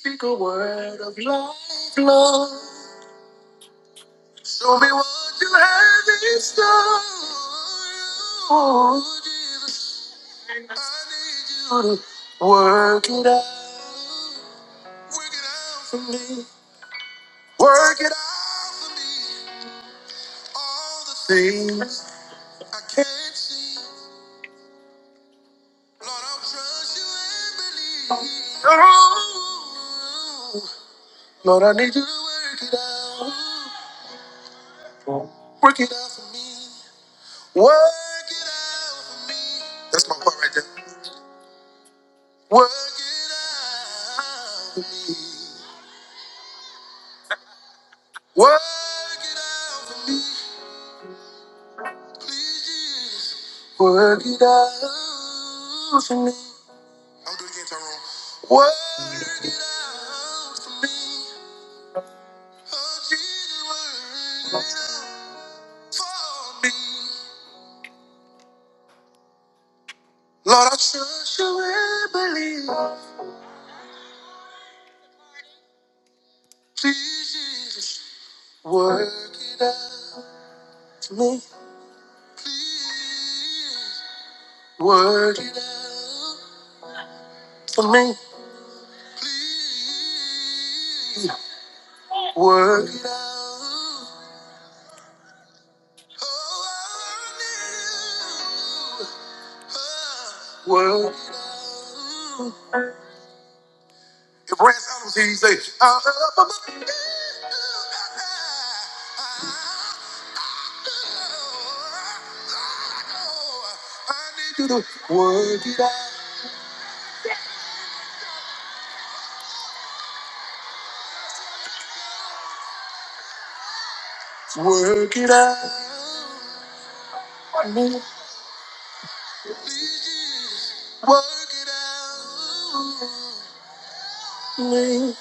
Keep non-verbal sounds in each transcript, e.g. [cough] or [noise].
Speak a word of love, Lord. Show me where this stuff work it out. Work it. Lord, I need you work What? That's my part right there. What? Work, work it out. I believe. Work for me. Work for me. Work, work. If we say, I'm up, you do. Work it out. Work it out. Me, me.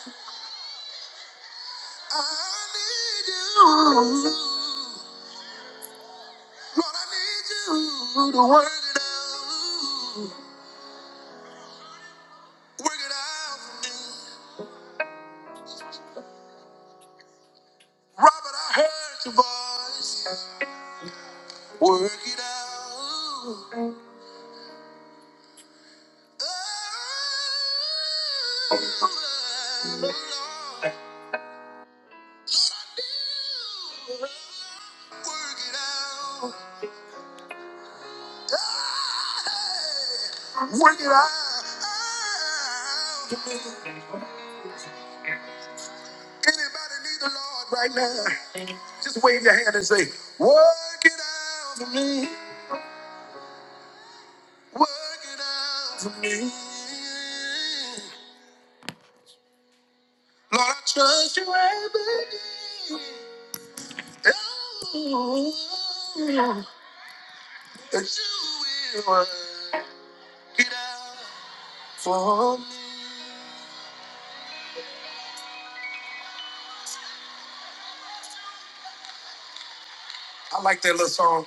Work right now. Just wave your hand and say, work for me. I like that little song.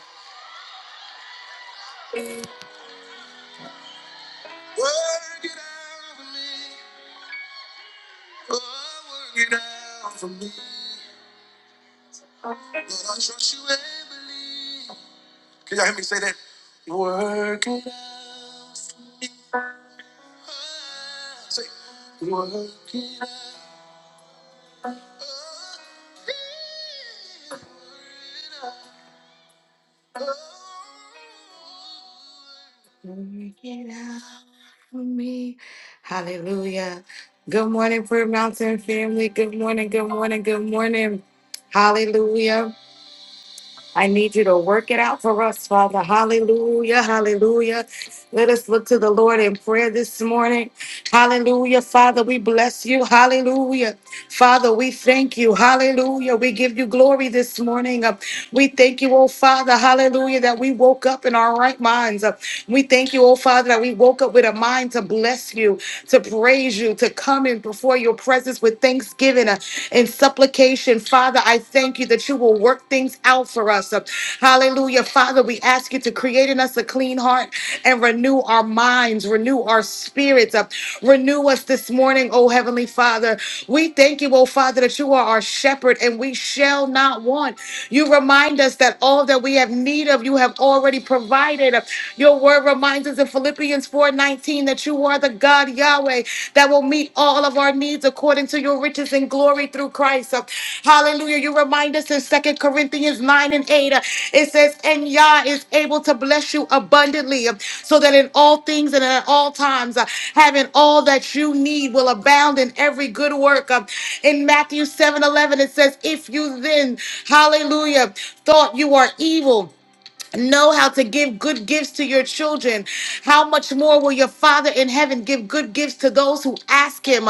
Work it out. Good morning, good morning, good morning. Hallelujah. I need you to work it out for us, Father. Hallelujah, hallelujah. Let us look to the Lord in prayer this morning. Hallelujah. Father, we bless you. Hallelujah. Father, we thank you. Hallelujah. We give you glory this morning. Uh, We thank you, oh Father. Hallelujah, that we woke up in our right minds. Uh, We thank you, oh Father, that we woke up with a mind to bless you, to praise you, to come in before your presence with thanksgiving uh, and supplication. Father, I thank you that you will work things out for us. Hallelujah. Father, we ask you to create in us a clean heart and renew our minds, renew our spirits up. Renew us this morning, oh Heavenly Father. We thank you, oh Father, that you are our shepherd and we shall not want. You remind us that all that we have need of, you have already provided. Your word reminds us in Philippians 4:19 that you are the God Yahweh that will meet all of our needs according to your riches and glory through Christ. Hallelujah. You remind us in Second Corinthians 9 and 8, uh, it says, And Yah is able to bless you abundantly, uh, so that in all things and at all times, uh, having all that you need will abound in every good work. Uh, In Matthew 7 11, it says, If you then, hallelujah, thought you are evil, know how to give good gifts to your children, how much more will your Father in heaven give good gifts to those who ask him?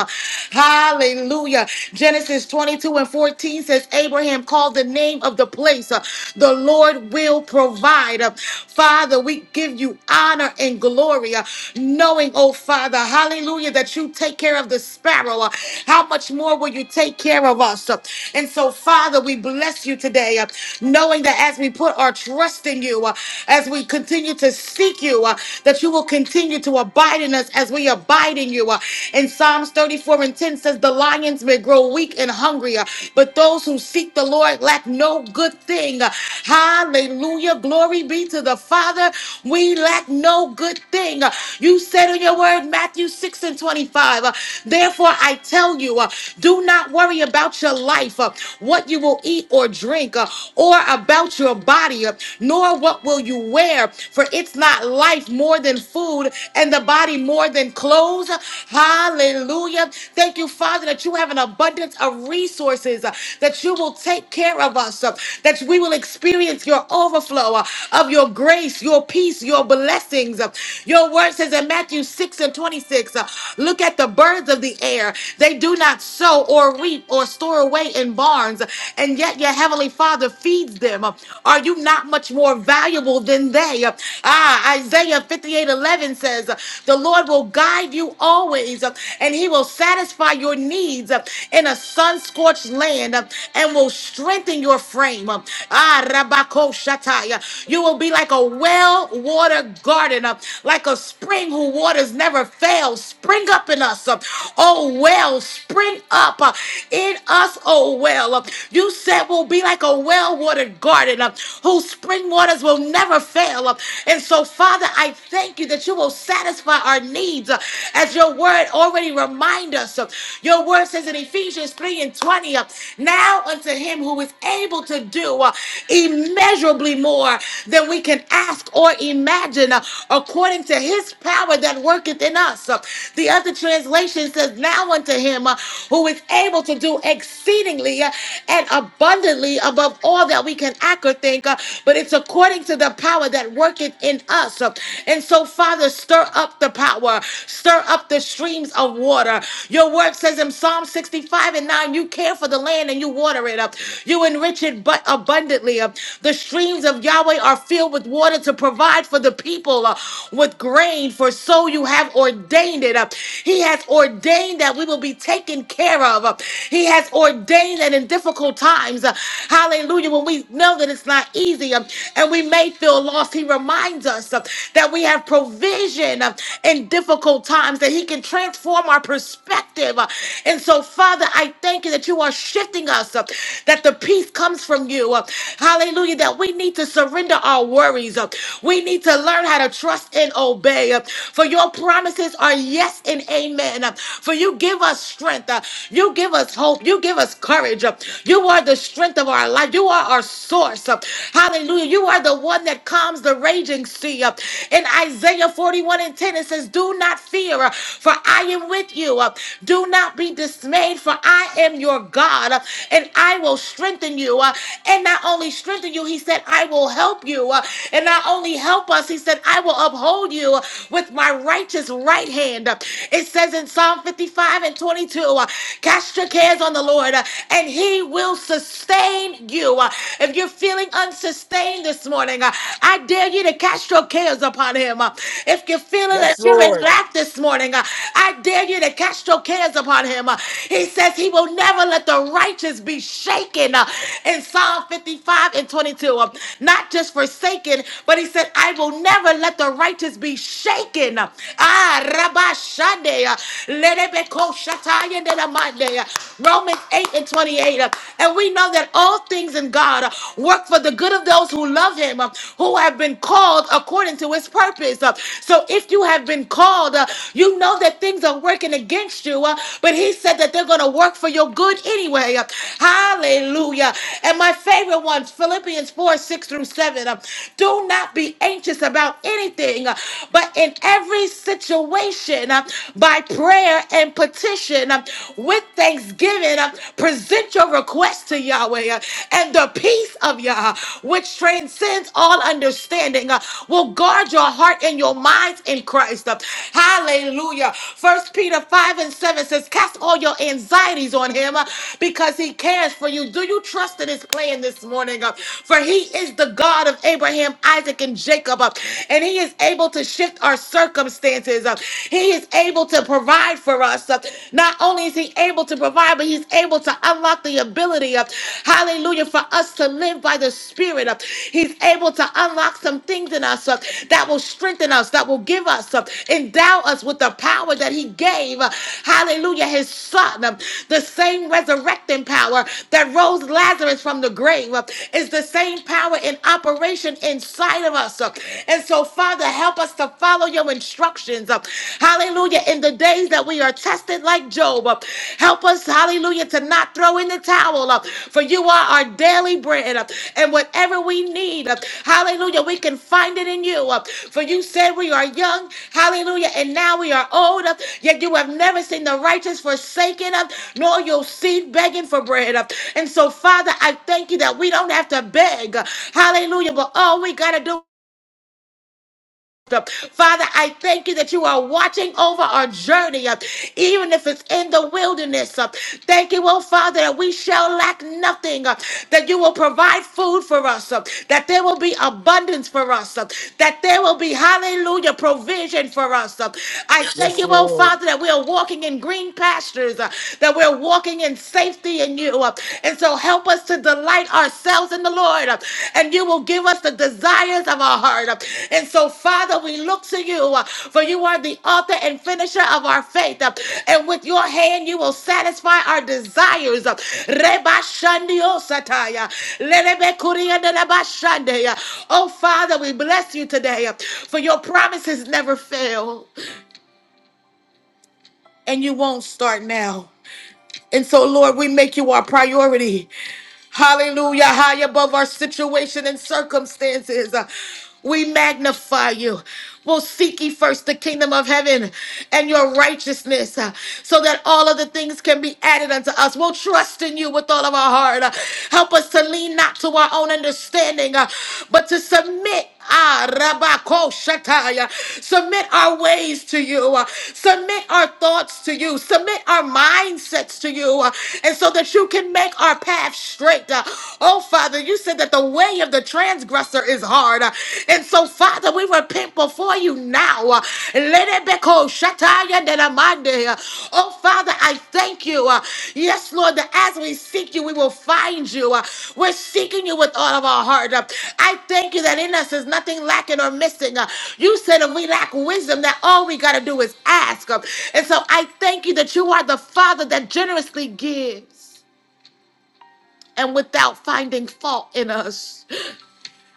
Hallelujah. Genesis 22 and 14 says, Abraham called the name of the place, uh, the Lord will provide. Uh, Father, we give you honor and glory, uh, knowing, oh Father, hallelujah, that you take care of the sparrow. Uh, How much more will you take care of us? Uh, And so, Father, we bless you today, uh, knowing that as we put put our trust in you, uh, as we continue to seek you, uh, that you will continue to abide in us as we abide in you. uh. In Psalms 34 and 10 says, The lions may grow weak and hungry, uh, but those who seek the Lord lack no good thing. Uh, Hallelujah. Glory be to the Father. We lack no good thing. Uh, You said in your word, Matthew 6 and 25, uh, Therefore I tell you, uh, do not worry about your life, uh, what you will eat or drink, uh, or or about your body, nor what will you wear. For it's not life more than food, and the body more than clothes. Hallelujah. Thank you, Father, that you have an abundance of resources, uh, that you will take care of us, uh, that we will experience your overflow uh, of your grace, your peace, your blessings. uh. Your word says in Matthew 6 and 26 uh, Look at the birds of the air. They do not sow or reap or store away in barns, and yet you the Heavenly Father feeds them? Are you not much more valuable than they? Ah, Isaiah 58 11 says, The Lord will guide you always, and He will satisfy your needs in a sun scorched land and will strengthen your frame. Ah, Rabako Shatai, you will be like a well watered garden, like a spring whose waters never fail. Spring up in us, oh well, spring up in us, oh well up. You said we'll be like a well watered garden up, whose spring waters will never fail up. And so, Father, I thank you that you will satisfy our needs uh, as your word already reminds us. of. Your word says in Ephesians 3 and 20, uh, now unto him who is able to do uh, immeasurably more than we can ask or imagine, uh, according to his power that worketh in us. Uh, The other translation says, now unto him uh, who is able to do exceedingly uh, and abundantly above all that we can act or think, uh, but it's according to the power that worketh in us. Uh, And so, Father, stir up the power, stir up the streams of water. Your word says in Psalm 65 and 9, you care for the land and you water it up, you enrich it but abundantly. Uh, The streams of Yahweh are filled with water to provide for the people uh, with grain, for so you have ordained it. Uh, He has ordained that we will be taken care of thereof. He has ordained that in difficult times, uh, hallelujah, when we know that it's not easy uh, and we may feel lost, He reminds us uh, that we have provision uh, in difficult times, that He can transform our perspective. uh, And so, Father, I thank you that you are shifting us, uh, that the peace comes from you. uh, Hallelujah, that we need to surrender our worries. uh, We need to learn how to trust and obey. uh, For your promises are yes and amen. uh, For you give us strength. Uh, You give us hope. You give us courage. Uh, You are the strength of our life. You are our source. Uh, Hallelujah. You are the one that calms the raging sea. Uh, In Isaiah 41 and 10, it says, Do not fear, uh, for I am with you. Uh, Do not be dismayed, for I am your God, uh, and I will strengthen you. Uh, And not only strengthen you, he said, I will help you. Uh, And not only help us, he said, I will uphold you with my righteous right hand. uh, It says in in Psalm 55 and 22. Uh, Cast your cares on the Lord, uh, and He will sustain you. Uh, If you're feeling unsustained this morning, uh, I dare you to cast your cares upon Him. Uh, If you're feeling Yes, that you're in Lord. lack this morning, uh, I dare you to cast your cares upon Him. Uh, He says He will never let the righteous be shaken uh, in Psalm 55 and 22. uh, Not just forsaken, but He said, I will never let the righteous be shaken. Ah, Shandaya. Lebeko Shataya and Mandaya. Romans 8 and 28. uh, And we know that all things in God uh, work for the good of those who love him, uh, who have been called according to his purpose. uh. So if you have been called, uh, you know that things are working against you, uh, but he said that they're going to work for your good anyway. uh. Hallelujah. And my favorite ones, Philippians 4 6 through 7. uh, Do not be anxious about anything, uh, but in every situation uh, by prayer and petition uh, with thanksgiving. uh, Present your request to Yahweh, uh, and the peace of Yah, which transcends all understanding, uh, will guard your heart and your minds in Christ. uh, Hallelujah. First Peter 5 and 7 says, Cast all your anxieties on him uh, because he cares for you. Do you trust in his plan this morning? uh, For he is the God of Abraham, Isaac, and Jacob, uh, and he is able to share shift our circumstances. Uh, He is able to provide for us. Uh, Not only is He able to provide, but He's able to unlock the ability of, hallelujah, for us to live by the Spirit. Uh, He's able to unlock some things in us uh, that will strengthen us, that will give us, uh, endow us with the power that He gave, uh, hallelujah, His Son. Uh, The same resurrecting power that rose Lazarus from the grave uh, is the same power in operation inside of us. Uh, And so so, Father, help us to follow your instructions. Uh, Hallelujah. In the days that we are tested like Job, uh, help us, hallelujah, to not throw in the towel. uh, For you are our daily bread. uh, And whatever we need, uh, hallelujah, we can find it in you. uh, For you said we are young, hallelujah, and now we are old. uh, Yet you have never seen the righteous forsaken, uh, nor your seed begging for bread. uh, And so, Father, I thank you that we don't have to beg. uh, Hallelujah. But all we got to do Father, I thank you that you are watching over our journey, uh, even if it's in the wilderness. uh. Thank you, oh Father, that we shall lack nothing, uh, that you will provide food for us, uh, that there will be abundance for us, uh, that there will be, hallelujah, provision for us. uh. I thank Yes, you, oh Lord. Father, that we are walking in green pastures, uh, that we're walking in safety in you. uh, And so so help us to delight ourselves in the Lord, uh, and you will give us the desires of our heart. uh. And so, Father, we look to you, uh, for you are the author and finisher of our faith. uh, And with your hand, you will satisfy our desires. uh. Reba shandio sataya, lelebe kuria deleba shandeya. Oh, Father, we bless you today, uh, for your promises never fail, and you won't start now. And so, Lord, we make you our priority. Hallelujah. High above our situation and circumstances. Uh, We magnify you. We'll seek ye first the kingdom of heaven and your righteousness uh, so that all of the things can be added unto us. We'll trust in you with all of our heart. Uh, Help us to lean not to our own understanding, uh, but to submit ah, rabako shataya. Submit our ways to you. uh, Submit our thoughts to you. Submit our mindsets to you. uh, And so that you can make our path straight. uh. Oh, Father, you said that the way of the transgressor is hard. uh, And so, Father, we repent before you now. uh, Let it be called shataya higher than a Monday. Oh, Father, I thank you. uh, Yes, Lord, that as we seek you, we will find you. uh, We're seeking you with all of our heart. uh, I thank you that in us is nothing lacking or missing. uh, You said if we lack wisdom, that all we got to do is ask. uh, And so I thank you that you are the Father that generously gives and without finding fault in us.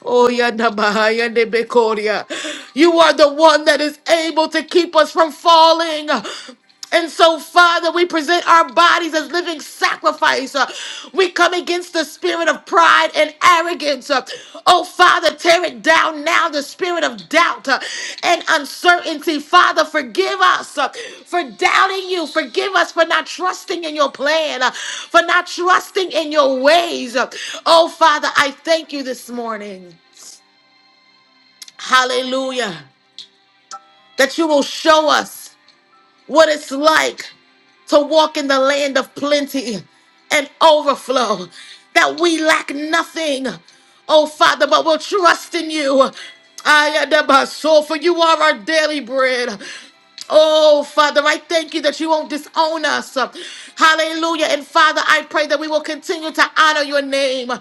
Oh, yanda bahaya de bekoria. You are the one that is able to keep us from falling. And so, Father, we present our bodies as living sacrifice. Uh, We come against the spirit of pride and arrogance. Uh, Oh, Father. Father, tear it down now, the spirit of doubt uh, and uncertainty. Father, forgive us uh, for doubting you. Forgive us for not trusting in your plan, uh, for not trusting in your ways. Uh, Oh, Father, I thank you this morning. Hallelujah. That you will show us. what it's like to walk in the land of plenty and overflow, that we lack nothing. Oh, Father, but we'll trust in you. I am my soul, for you are our daily bread. Oh, Father, I thank you that you won't disown us. Hallelujah. And Father, I pray that we will continue to honor your name.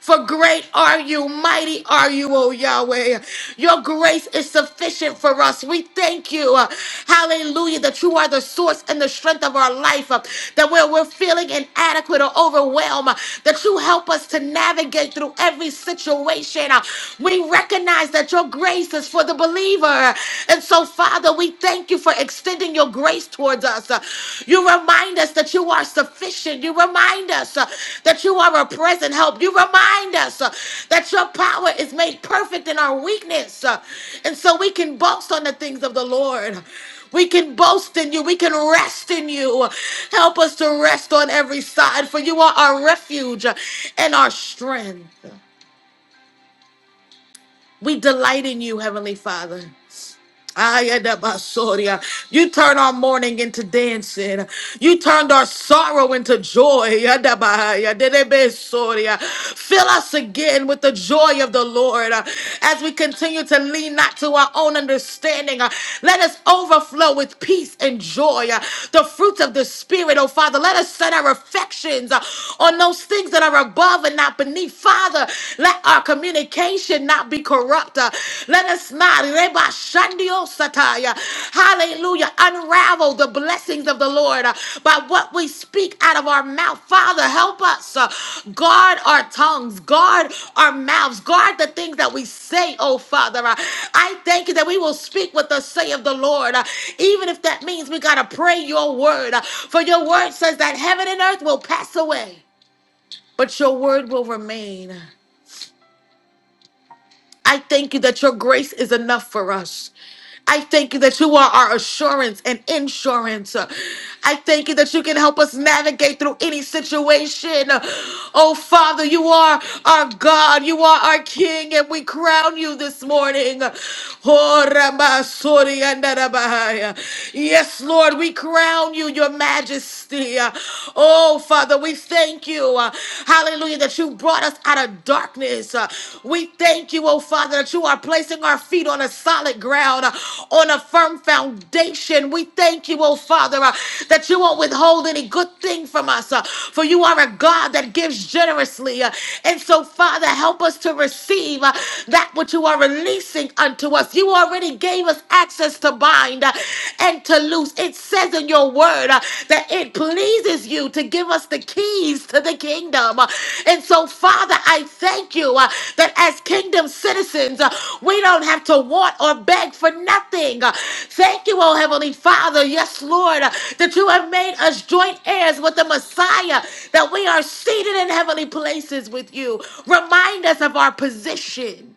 For great are you, mighty mighty are you, O Yahweh. Your grace is sufficient for us. We thank you, uh, hallelujah, that you are the source and the strength of our life, uh, that where we're feeling inadequate or overwhelmed, uh, that you help us to navigate through every situation. uh. we recognize that your grace is for the believer. And so, Father, we thank you for extending your grace towards us. Uh, You remind us that you are sufficient. You remind us uh, that you are a present help. You remind us uh, that your power is made perfect in our weakness. Uh, And so we can boast on the things of the Lord. We can boast in you. We can rest in you. Help us to rest on every side, for you are our refuge and our strength. We delight in you, Heavenly Father. Ayadabasoria. You turn our mourning into dancing. You turned our sorrow into joy. Yadabaya, dedebesoria. Fill us again with the joy of the Lord uh, as we continue to lean not to our own understanding. uh, Let us overflow with peace and joy. uh, The fruits of the Spirit, oh Father. Let us set our affections uh, on those things that are above and not beneath. Father, let our communication Cain should not be corrupt. Uh, Let us not, Reba Shandio Sataya. hallelujah, unravel the blessings of the Lord uh, by what we speak out of our mouth. Father, help us uh, guard our tongues, guard our mouths, guard the things that we say, oh Father. Uh, I thank you that we will speak what the say of the Lord, uh, even if that means we got to pray your word. uh, For your word says that heaven and earth will pass away, but your word will remain. I thank you that your grace is enough for us. I thank you that you are our assurance and insurance. I thank you that you can help us navigate through any situation. Oh, Father, you are our God. You are our King, and we crown you this morning. Oh, Rabba, Sori, and Rabba. Yes, Lord, we crown you, your majesty. Oh, Father, we thank thank you, uh, hallelujah, that you brought us out of darkness. Uh, we thank you, oh Father, that you are placing our feet on a solid ground, uh, on a firm foundation. We thank you, oh Father, uh, that you won't withhold any good thing from us, uh, for you are a God that gives generously. uh, and so, Father, help us to receive uh, that which you are releasing unto us. You already gave us access to bind, uh, to loose. It says in your word uh, that it pleases you to give us the keys to the kingdom. Uh, And so, Father, I thank you uh, that as kingdom citizens, uh, we don't have to want or beg for nothing. Uh, Thank you, oh Heavenly Father, yes, Lord, uh, that you have made us joint heirs with the Messiah, that we are seated in heavenly places with you. Remind us of our position.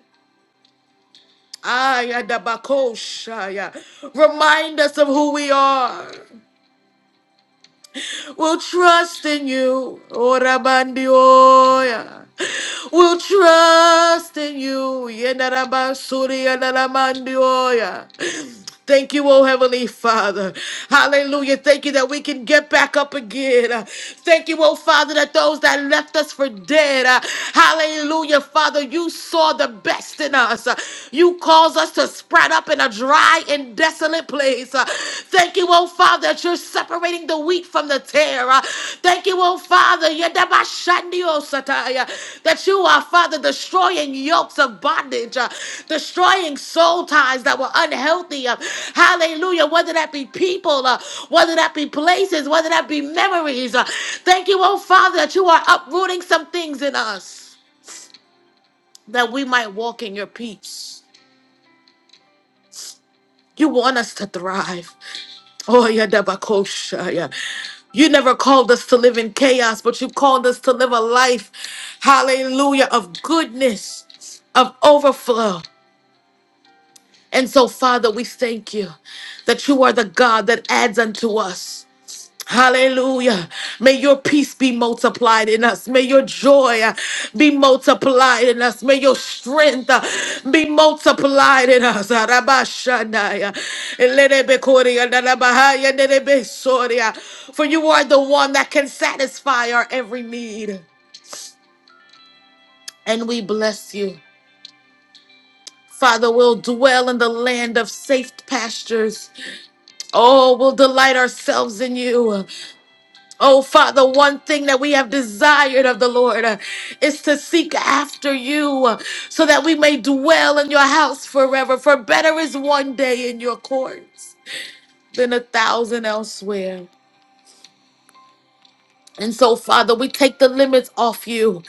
Ayadabakoshaya. Remind us of who we are. will trust in you. Orabandioya. We'll trust in you. Yedarabasuri yadaramandioya. Thank you, oh Heavenly Father. Hallelujah. Thank you that we can get back up again. Uh, Thank you, oh Father, that those that left us for dead. uh, Hallelujah, Father, you saw the best in us. Uh, You caused us to spread up in a dry and desolate place. Uh, Thank you, oh Father, that you're separating the wheat from the tare. Uh, Thank you, oh Father, yedabashandiosataya, that you are, Father, destroying yokes of bondage, uh, destroying soul ties that were unhealthy. Uh, Hallelujah. Whether that be people, uh, whether that be places, whether that be memories. uh, Thank you, oh Father, that you are uprooting some things in us that we might walk in your peace. You want us to thrive. Oh, yeah, Dabakosha, Yeah, You never called us to live in chaos, but you called us to live a life, hallelujah, of goodness, of overflow. And so, Father, we thank you that you are the God that adds unto us. Hallelujah. May your peace be multiplied in us. May your joy uh, be multiplied in us. May your strength uh, be multiplied in us. Arabashanaya. Elenebekoria, nanabahaya, nenebesoria. For you are the one that can satisfy our every need. And we bless you. Father, we'll dwell in the land of safe pastures. Oh, we'll delight ourselves in you. Oh, Father, one thing that we have desired of the Lord uh, is to seek after you uh, so that we may dwell in your house forever. For better is one day in your courts than a thousand elsewhere. And so, Father, we take the limits off you.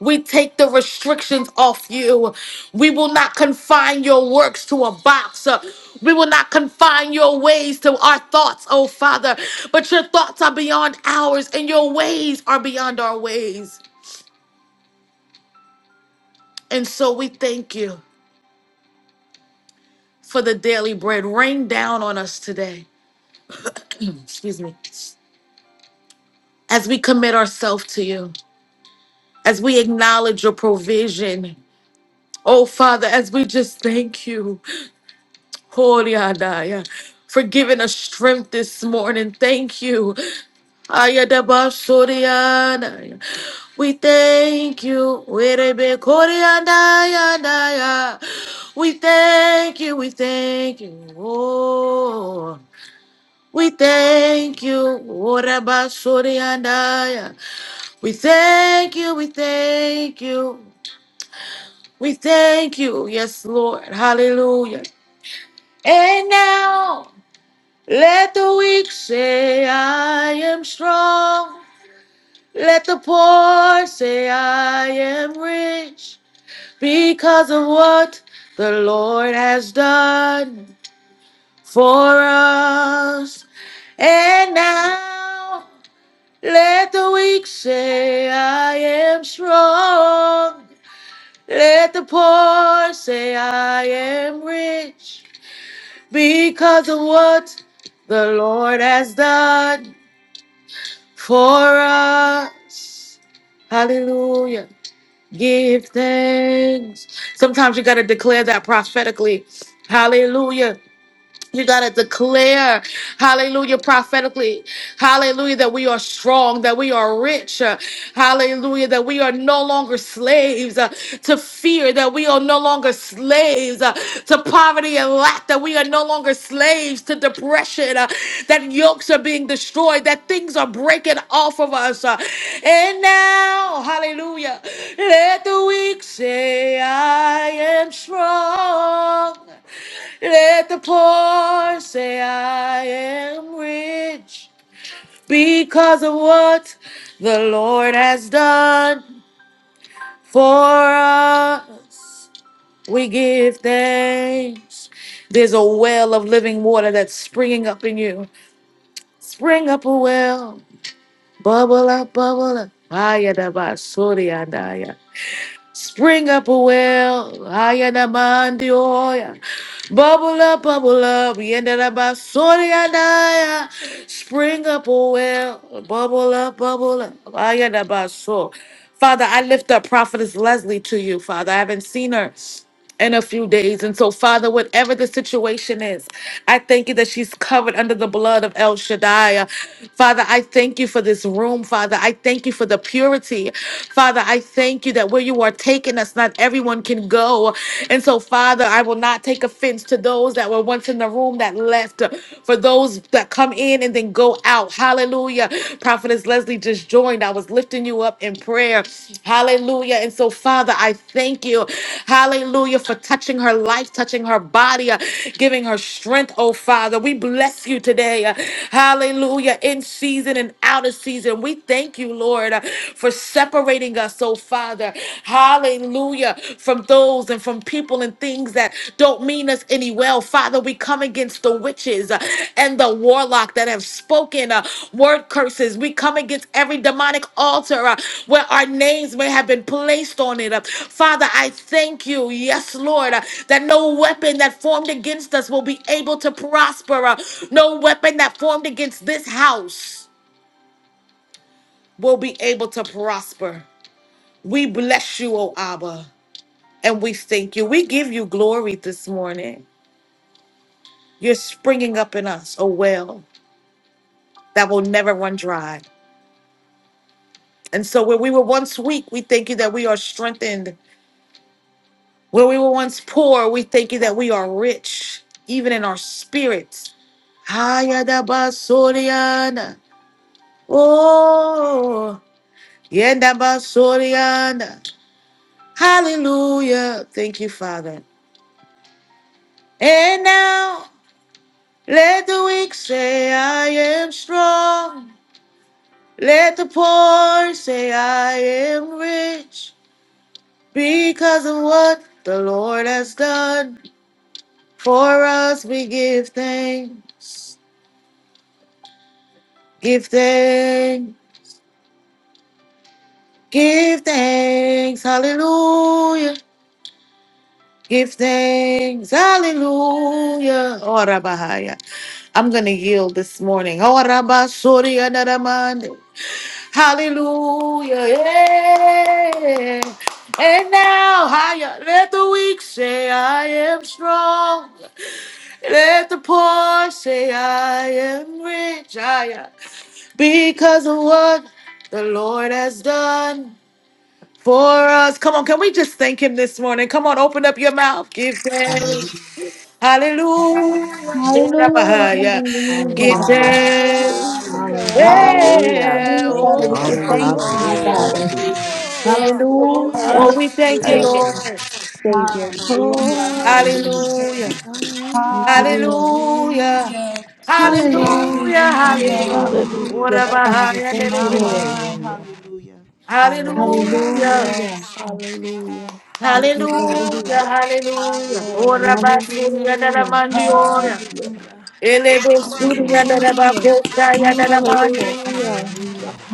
We take the restrictions off you. We will not confine your works to a box. Uh, We will not confine your ways to our thoughts, oh Father. But your thoughts are beyond ours, and your ways are beyond our ways. And so we thank you for the daily bread. Rain down on us today. Excuse me. As we commit ourselves to you, as we acknowledge your provision. Oh Father, as we just thank you. Holy Adaya, for giving us strength this morning. Thank you. Ayadabasoriadaya. We thank you. Werebekoriadayadaya. We thank you. We thank you. Oh. We thank you. Orabasoriadaya. We thank you. We thank you. We thank you. Yes, Lord. Hallelujah. And now. Let the weak say, I am strong. Let the poor say, I am rich because of what the Lord has done for us. And now let the weak say, I am strong. Let the poor say, I am rich because of what the Lord has done for us. Hallelujah. Give thanks. Sometimes you got to declare that prophetically. Hallelujah. You got to declare, hallelujah, prophetically, hallelujah, that we are strong, that we are rich, uh, hallelujah, that we are no longer slaves uh, to fear, that we are no longer slaves uh, to poverty and lack, that we are no longer slaves to depression, uh, that yokes are being destroyed, that things are breaking off of us. uh, and now, hallelujah, let the weak say, I am strong. Let the poor say, I am rich because of what the Lord has done for us. We give thanks. There's a well of living water that's springing up in you. Spring up a well. Bubble up, bubble up. Aya Ayadabasuriadaya. Spring up a well, I and a man the oil. Bubble up, bubble up, we ended up by Sony and I. Spring up a well, bubble up, bubble up, I and a so. Father, I lift up Prophetess Leslie to you, Father. I haven't seen her in a few days. And so, Father, whatever the situation is, I thank you that she's covered under the blood of El Shaddai. Father, I thank you for this room, Father. I thank you for the purity. Father, I thank you that where you are taking us, not everyone can go. And so, Father, I will not take offense to those that were once in the room that left, for those that come in and then go out. Hallelujah. Hallelujah. Prophetess Leslie just joined. I was lifting you up in prayer. Hallelujah. And so, Father, I thank you. Hallelujah for touching her life, touching her body, uh, giving her strength, oh Father. We bless you today. uh, Hallelujah. In season and out of season. We thank you, Lord, uh, for separating us, oh Father. Hallelujah. From those and from people people and things that don't mean us any well. Father, we come against the witches uh, and the warlock that have spoken uh, word curses. We come against every demonic altar uh, where our names may have been placed on it. uh. Father, I thank you, yes, Lord, uh, that no weapon that formed against us will be able to prosper. uh. No weapon that formed against this house will be able to prosper. We bless you, O Abba, and we thank you. We give you glory this morning. You're springing up in us a well that will never run dry. And so, where we were once weak, we thank you that we are strengthened. Where we were once poor, we thank you that we are rich, even in our spirits. Hayadabasoriana. Oh, yendabasoriana. Hallelujah. Thank you, Father. And now, let the weak say, I am strong. Let the poor say, I am rich. Because of what the Lord has done for us, we give thanks, give thanks, give thanks, hallelujah, give thanks, hallelujah. Ora bahaya. I'm going to yield this morning. Ora basuri anaramande. Hallelujah. Yeah. And now, higher, let the weak say, I am strong. Let the poor say I am rich, I am, because of what the Lord has done for us. Come on, can we just thank him this morning? Come on, open up your mouth. Give thanks. Hallelujah. Hallelujah, Give hallelujah. Hallelujah. thanks. Hallelujah. Hallelujah. Hallelujah. Yeah. Hallelujah, Thank you, Father. We Oh, Lord. give oh, thanks to Hallelujah. you, Hallelujah. Thank you, Hallelujah. Father. Jesus. oh. Oh, Oh, Hallelujah, we thank you, hallelujah. Thank you, Hallelujah. Lord. Lord. Savior. Hallelujah. Oh, Hallelujah. Thank you, Lord. Hallelujah. Hallelujah. Yes, Hallelujah. Lord. Hallelujah. Hallelujah. Hallelujah. Hallelujah. Hallelujah. Hallelujah. What Yes, hallelujah. about Father. Thank My you, Lord. mind. Hallelujah. Hallelujah. Hallelujah. Hallelujah. Hallelujah. Yes. Hallelujah. Hallelujah. Thank you, Father. Hallelujah. Hallelujah. Hallelujah. Hallelujah. Hallelujah. What Hallelujah. about Surya Hallelujah. Mandioya? Hallelujah. Hallelujah. Hallelujah. Hallelujah. Oh, Hallelujah. hallelujah. Thank you, Hallelujah. Lord.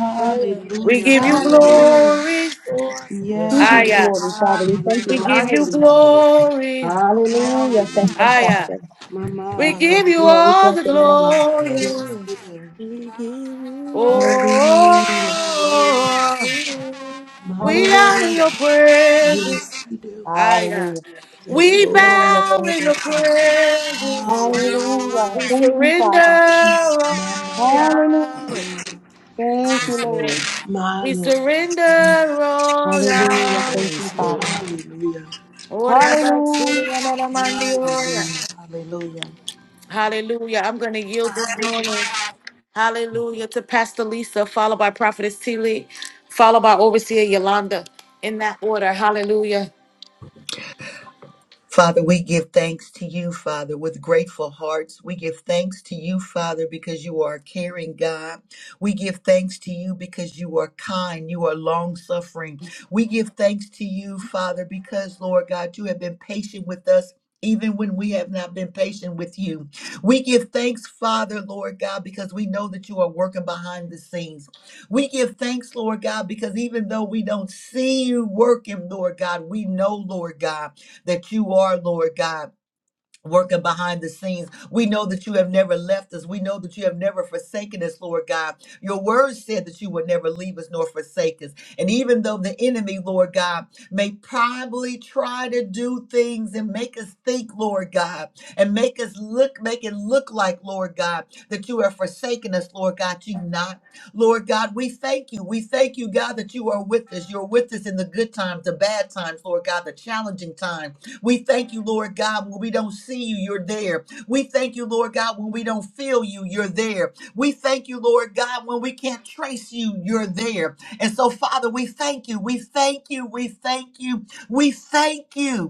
We give you Hallelujah. Hallelujah. Hallelujah. glory. Oh, Yes, We give you Yes. Lord. Aya. glory, Father. We thank you. We We Hallelujah. give honor you you. Hallelujah. glory. Hallelujah. Thank you, Hallelujah. Aya. Father. My We mind. give Yes, you Hallelujah. Lord. We all bless the your name. Yes, Yes, Lord. glory. we do. We give you Hallelujah. Hallelujah. Oh. all. My We are mind. in Hallelujah. your presence. Yes, we do. ah yeah. Hallelujah. Yes, We We Lord. honor your bow in your presence, Father. presence. Hallelujah. Hallelujah. We Thank you, surrender, Father. oh Hallelujah. Yahweh. Thank you, Yes, Lord. Lord. My We Lord. surrender, oh Hallelujah. Yahweh. Thank you, Yes, Father. Lord. Hallelujah. Oh, Rabbi, Hallelujah. Surya, Mama, Mandi, oh, yeah? Hallelujah. Hallelujah. Hallelujah. I'm going to yield this morning. Hallelujah to Pastor Lisa, followed by Prophetess T. Lee, followed by Overseer Yolanda. In that order. Hallelujah. Father, we give thanks to you, Father, with grateful hearts. We give thanks to you, Father, because you are a caring God. We give thanks to you because you are kind, you are long suffering. We give thanks to you, Father, because, Lord God, you have been patient with us. Even when we have not been patient with you, we give thanks, Father, Lord God, because we know that you are working behind the scenes. We give thanks, Lord God, because even though we don't see you working, Lord God, we know, Lord God, that you are, Lord God. Working behind the scenes. We know that you have never left us. We know that you have never forsaken us, Lord God. Your word said that you would never leave us nor forsake us. And even though the enemy, Lord God, may probably try to do things and make us think, Lord God, and make us look, make it look like, Lord God, that you have forsaken us, Lord God, you've not. Lord God, we thank you. We thank you, God, that you are with us. You're with us in the good times, the bad times, Lord God, the challenging times. We thank you, Lord God, when we don't see you, you're there. We thank you, Lord God, when we don't feel you, you're there. We thank you, Lord God, when we can't trace you, you're there. And so, Father, we thank you. We thank you. We thank you. We thank you.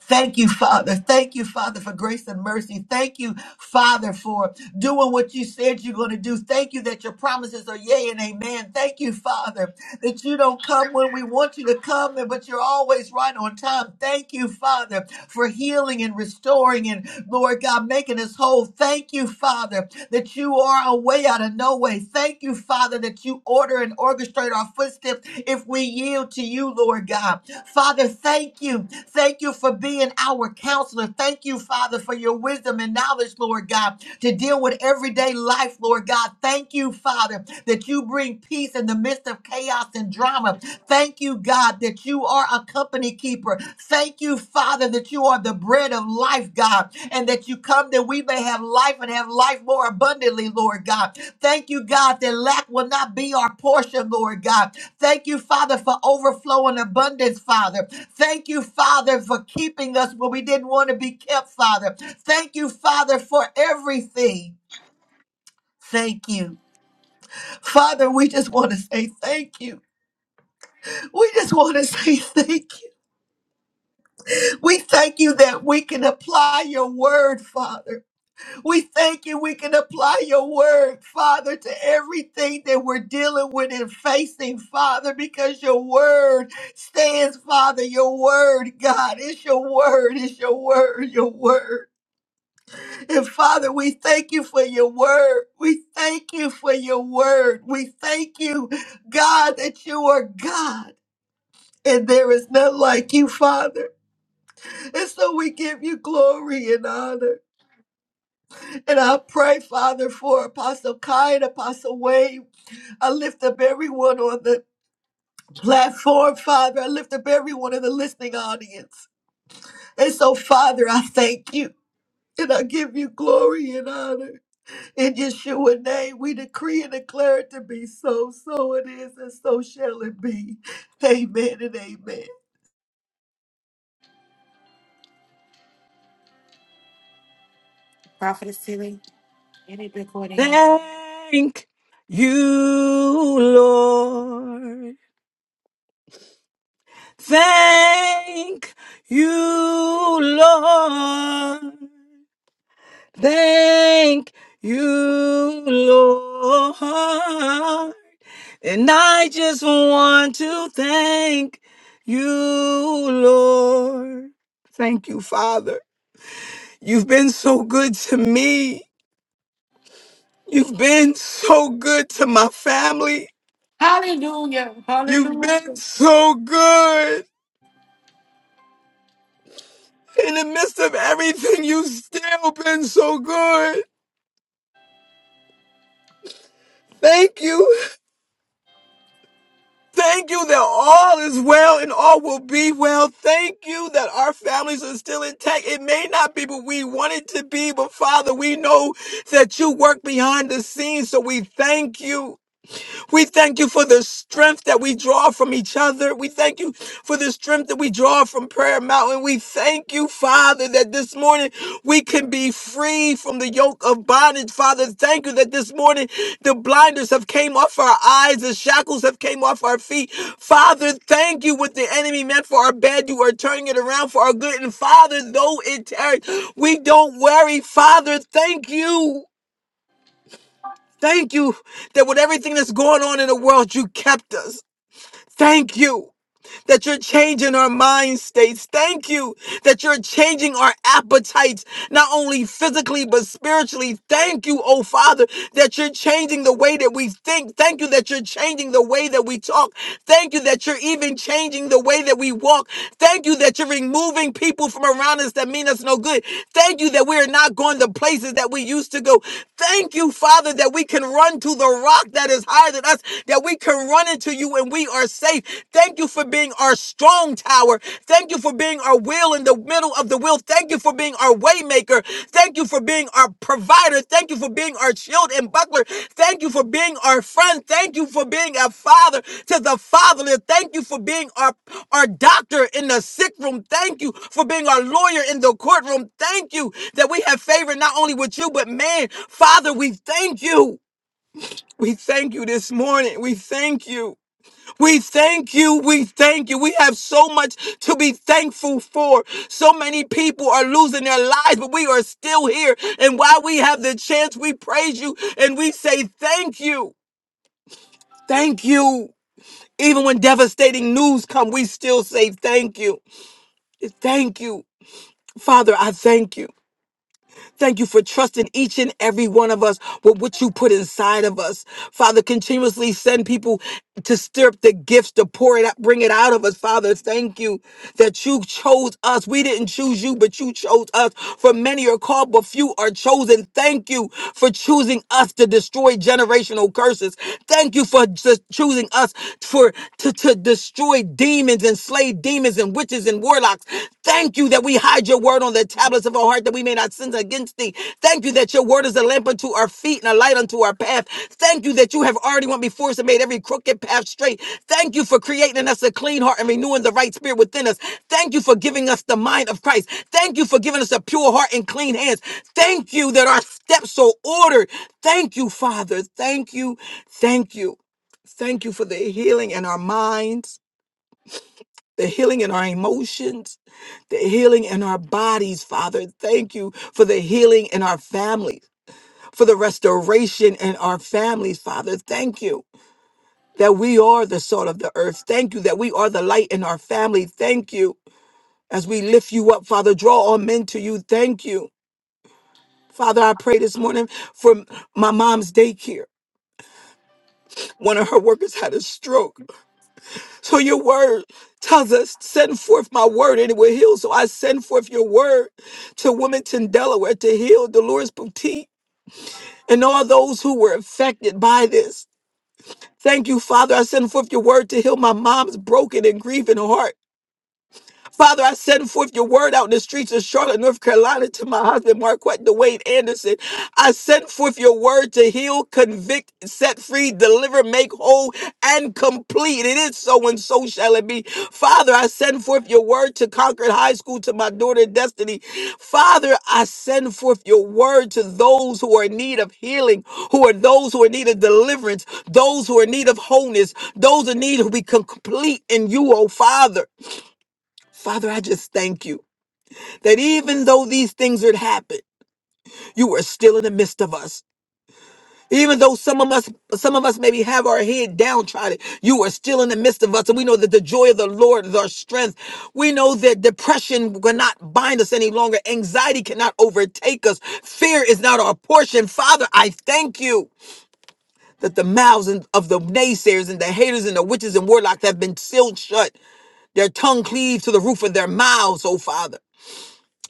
Thank you, Father. Thank you, Father, for grace and mercy. Thank you, Father, for doing what you said you're going to do. Thank you that your promises are yea and amen. Thank you, Father, that you don't come when we want you to come, but you're always right on time. Thank you, Father, for healing and restoring and, Lord God, making us whole. Thank you, Father, that you are a way out of no way. Thank you, Father, that you order and orchestrate our footsteps if we yield to you, Lord God. Father, thank you. Thank you for being our counselor. Thank you, Father, for your wisdom and knowledge, Lord God, to deal with everyday life, Lord God. Thank you, Father, that you bring peace in the midst of chaos and drama. Thank you, God, that you are a company keeper. Thank you, Father, that you are the bread of life, God, and that you come that we may have life and have life more abundantly, Lord God. Thank you, God, that lack will not be our portion, Lord God. Thank you, Father, for overflow and abundance, Father. Thank you, Father, for keeping us where we didn't want to be kept, Father. Thank you, Father, for everything. Thank you. Father, we just want to say thank you. We just want to say thank you. We thank you that we can apply your word, Father. We thank you. We can apply your word, Father, to everything that we're dealing with and facing, Father, because your word stands, Father. Your word, God, it's your word, it's your word, your word. And Father, we thank you for your word. We thank you for your word. We thank you, God, that you are God and there is none like you, Father. And so we give you glory and honor. And I pray, Father, for Apostle Kai and Apostle Wade. I lift up everyone on the platform, Father. I lift up everyone in the listening audience. And so, Father, I thank you and I give you glory and honor. In Yeshua's name, we decree and declare it to be so. So it is, and so shall it be. Amen and amen. Prophetess T. Lee. Thank you, Lord. Thank you, Lord. Thank you, Lord. And I just want to thank you, Lord. Thank you, Father. You've been so good to me. You've been so good to my family. Hallelujah. You've been Hallelujah. so good. In the midst of everything, you've still been so good. Thank you. Thank you that all is well and all will be well. Thank you that our families are still intact. It may not be what we want it to be, but Father, we know that you work behind the scenes, so we thank you. We thank you for the strength that we draw from each other. We thank you for the strength that we draw from Prayer Mountain. We thank you, Father, that this morning we can be free from the yoke of bondage. Father, thank you that this morning the blinders have came off our eyes, the shackles have came off our feet. Father, thank you what the enemy meant for our bad. You are turning it around for our good. And Father, though it tarries, we don't worry. Father, thank you. Thank you that with everything that's going on in the world, you kept us. Thank you that you're changing our mind states. Thank you that you're changing our appetites, not only physically, but spiritually. Thank you, oh Father, that you're changing the way that we think. Thank you that you're changing the way that we talk. Thank you that you're even changing the way that we walk. Thank you that you're removing people from around us that mean us no good. Thank you that we're not going to places that we used to go. Thank you, Father, that we can run to the rock that is higher than us, that we can run into you and we are safe. Thank you for being our strong tower. Thank you for being our will in the middle of the will. Thank you for being our waymaker maker. Thank you for being our provider. Thank you for being our shield and buckler. Thank you for being our friend. Thank you for being a father to the fatherless. Thank you for being our, our doctor in the sick room. Thank you for being our lawyer in the courtroom. Thank you that we have favor not only with you, but man, Father, we thank you. We thank you this morning. We thank you. We thank you. We thank you. We have so much to be thankful for. So many people are losing their lives, but we are still here. And while we have the chance, we praise you and we say thank you. Thank you. Even when devastating news come, we still say thank you. Thank you. Father, I thank you. Thank you for trusting each and every one of us with what you put inside of us. Father, continuously send people to stir up the gifts, to pour it out, bring it out of us. Father, thank you that you chose us. We didn't choose you, but you chose us. For many are called, but few are chosen. Thank you for choosing us to destroy generational curses. Thank you for just choosing us for to, to destroy demons and slay demons and witches and warlocks. Thank you that we hide your word on the tablets of our heart that we may not sin against thee. Thank you that your word is a lamp unto our feet and a light unto our path. Thank you that you have already went before us and made every crooked path straight. Thank you for creating in us a clean heart and renewing the right spirit within us. Thank you for giving us the mind of Christ. Thank you for giving us a pure heart and clean hands. Thank you that our steps are ordered. Thank you, Father. Thank you. Thank you. Thank you for the healing in our minds, the healing in our emotions, the healing in our bodies, Father. Thank you for the healing in our families, for the restoration in our families, Father. Thank you that we are the salt of the earth. Thank you that we are the light in our family. Thank you as we lift you up, Father. Draw all men to you. Thank you. Father, I pray this morning for my mom's daycare. One of her workers had a stroke. So your word tells us, send forth my word and it will heal. So I send forth your word to Wilmington, Delaware to heal Dolores Boutique and all those who were affected by this. Thank you, Father. I send forth your word to heal my mom's broken and grieving heart. Father, I send forth your word out in the streets of Charlotte, North Carolina to my husband, Marquette DeWayne Anderson. I send forth your word to heal, convict, set free, deliver, make whole, and complete. It is so and so shall it be. Father, I send forth your word to Concord High School to my daughter Destiny. Father, I send forth your word to those who are in need of healing, who are those who are in need of deliverance, those who are in need of wholeness, those in need who be complete in you, oh Father. Father, I just thank you that even though these things had happened, you were still in the midst of us. Even though some of us, some of us maybe have our head downtrodden, you are still in the midst of us. And we know that the joy of the Lord is our strength. We know that depression cannot bind us any longer. Anxiety cannot overtake us. Fear is not our portion. Father, I thank you that the mouths and- of the naysayers and the haters and the witches and warlocks have been sealed shut. Their tongue cleaved to the roof of their mouths, oh Father.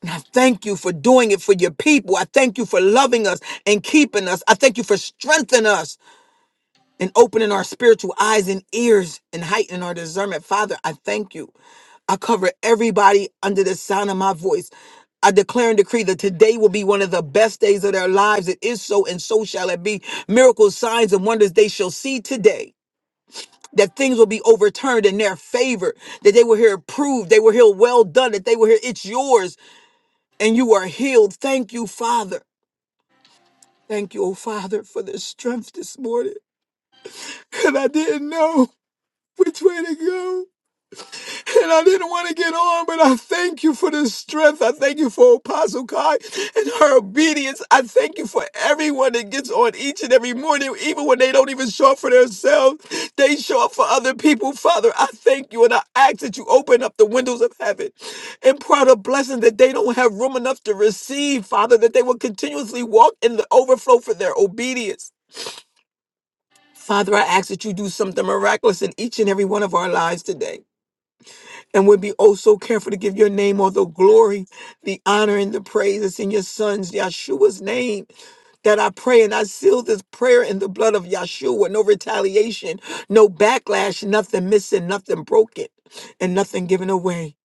I thank you for doing it for your people. I thank you for loving us and keeping us. I thank you for strengthening us and opening our spiritual eyes and ears and heightening our discernment. Father, I thank you. I cover everybody under the sound of my voice. I declare and decree that today will be one of the best days of their lives. It is so, and so shall it be. Miracles, signs, and wonders they shall see today. That things will be overturned in their favor, that they will hear approved, they will hear well done, that they will hear it's yours and you are healed. Thank you, Father. Thank you, oh Father, for the strength this morning. And I didn't know which way to go. And I didn't want to get on, but I thank you for the strength. I thank you for Apostle Kai and her obedience. I thank you for everyone that gets on each and every morning, even when they don't even show up for themselves. They show up for other people. Father, I thank you and I ask that you open up the windows of heaven and pour out a blessing that they don't have room enough to receive, Father, that they will continuously walk in the overflow for their obedience. Father, I ask that you do something miraculous in each and every one of our lives today. And would be oh so careful to give your name all the glory, the honor, and the praise that's in your son's Yeshua's name. That I pray and I seal this prayer in the blood of Yeshua. No retaliation, no backlash, nothing missing, nothing broken, and nothing given away.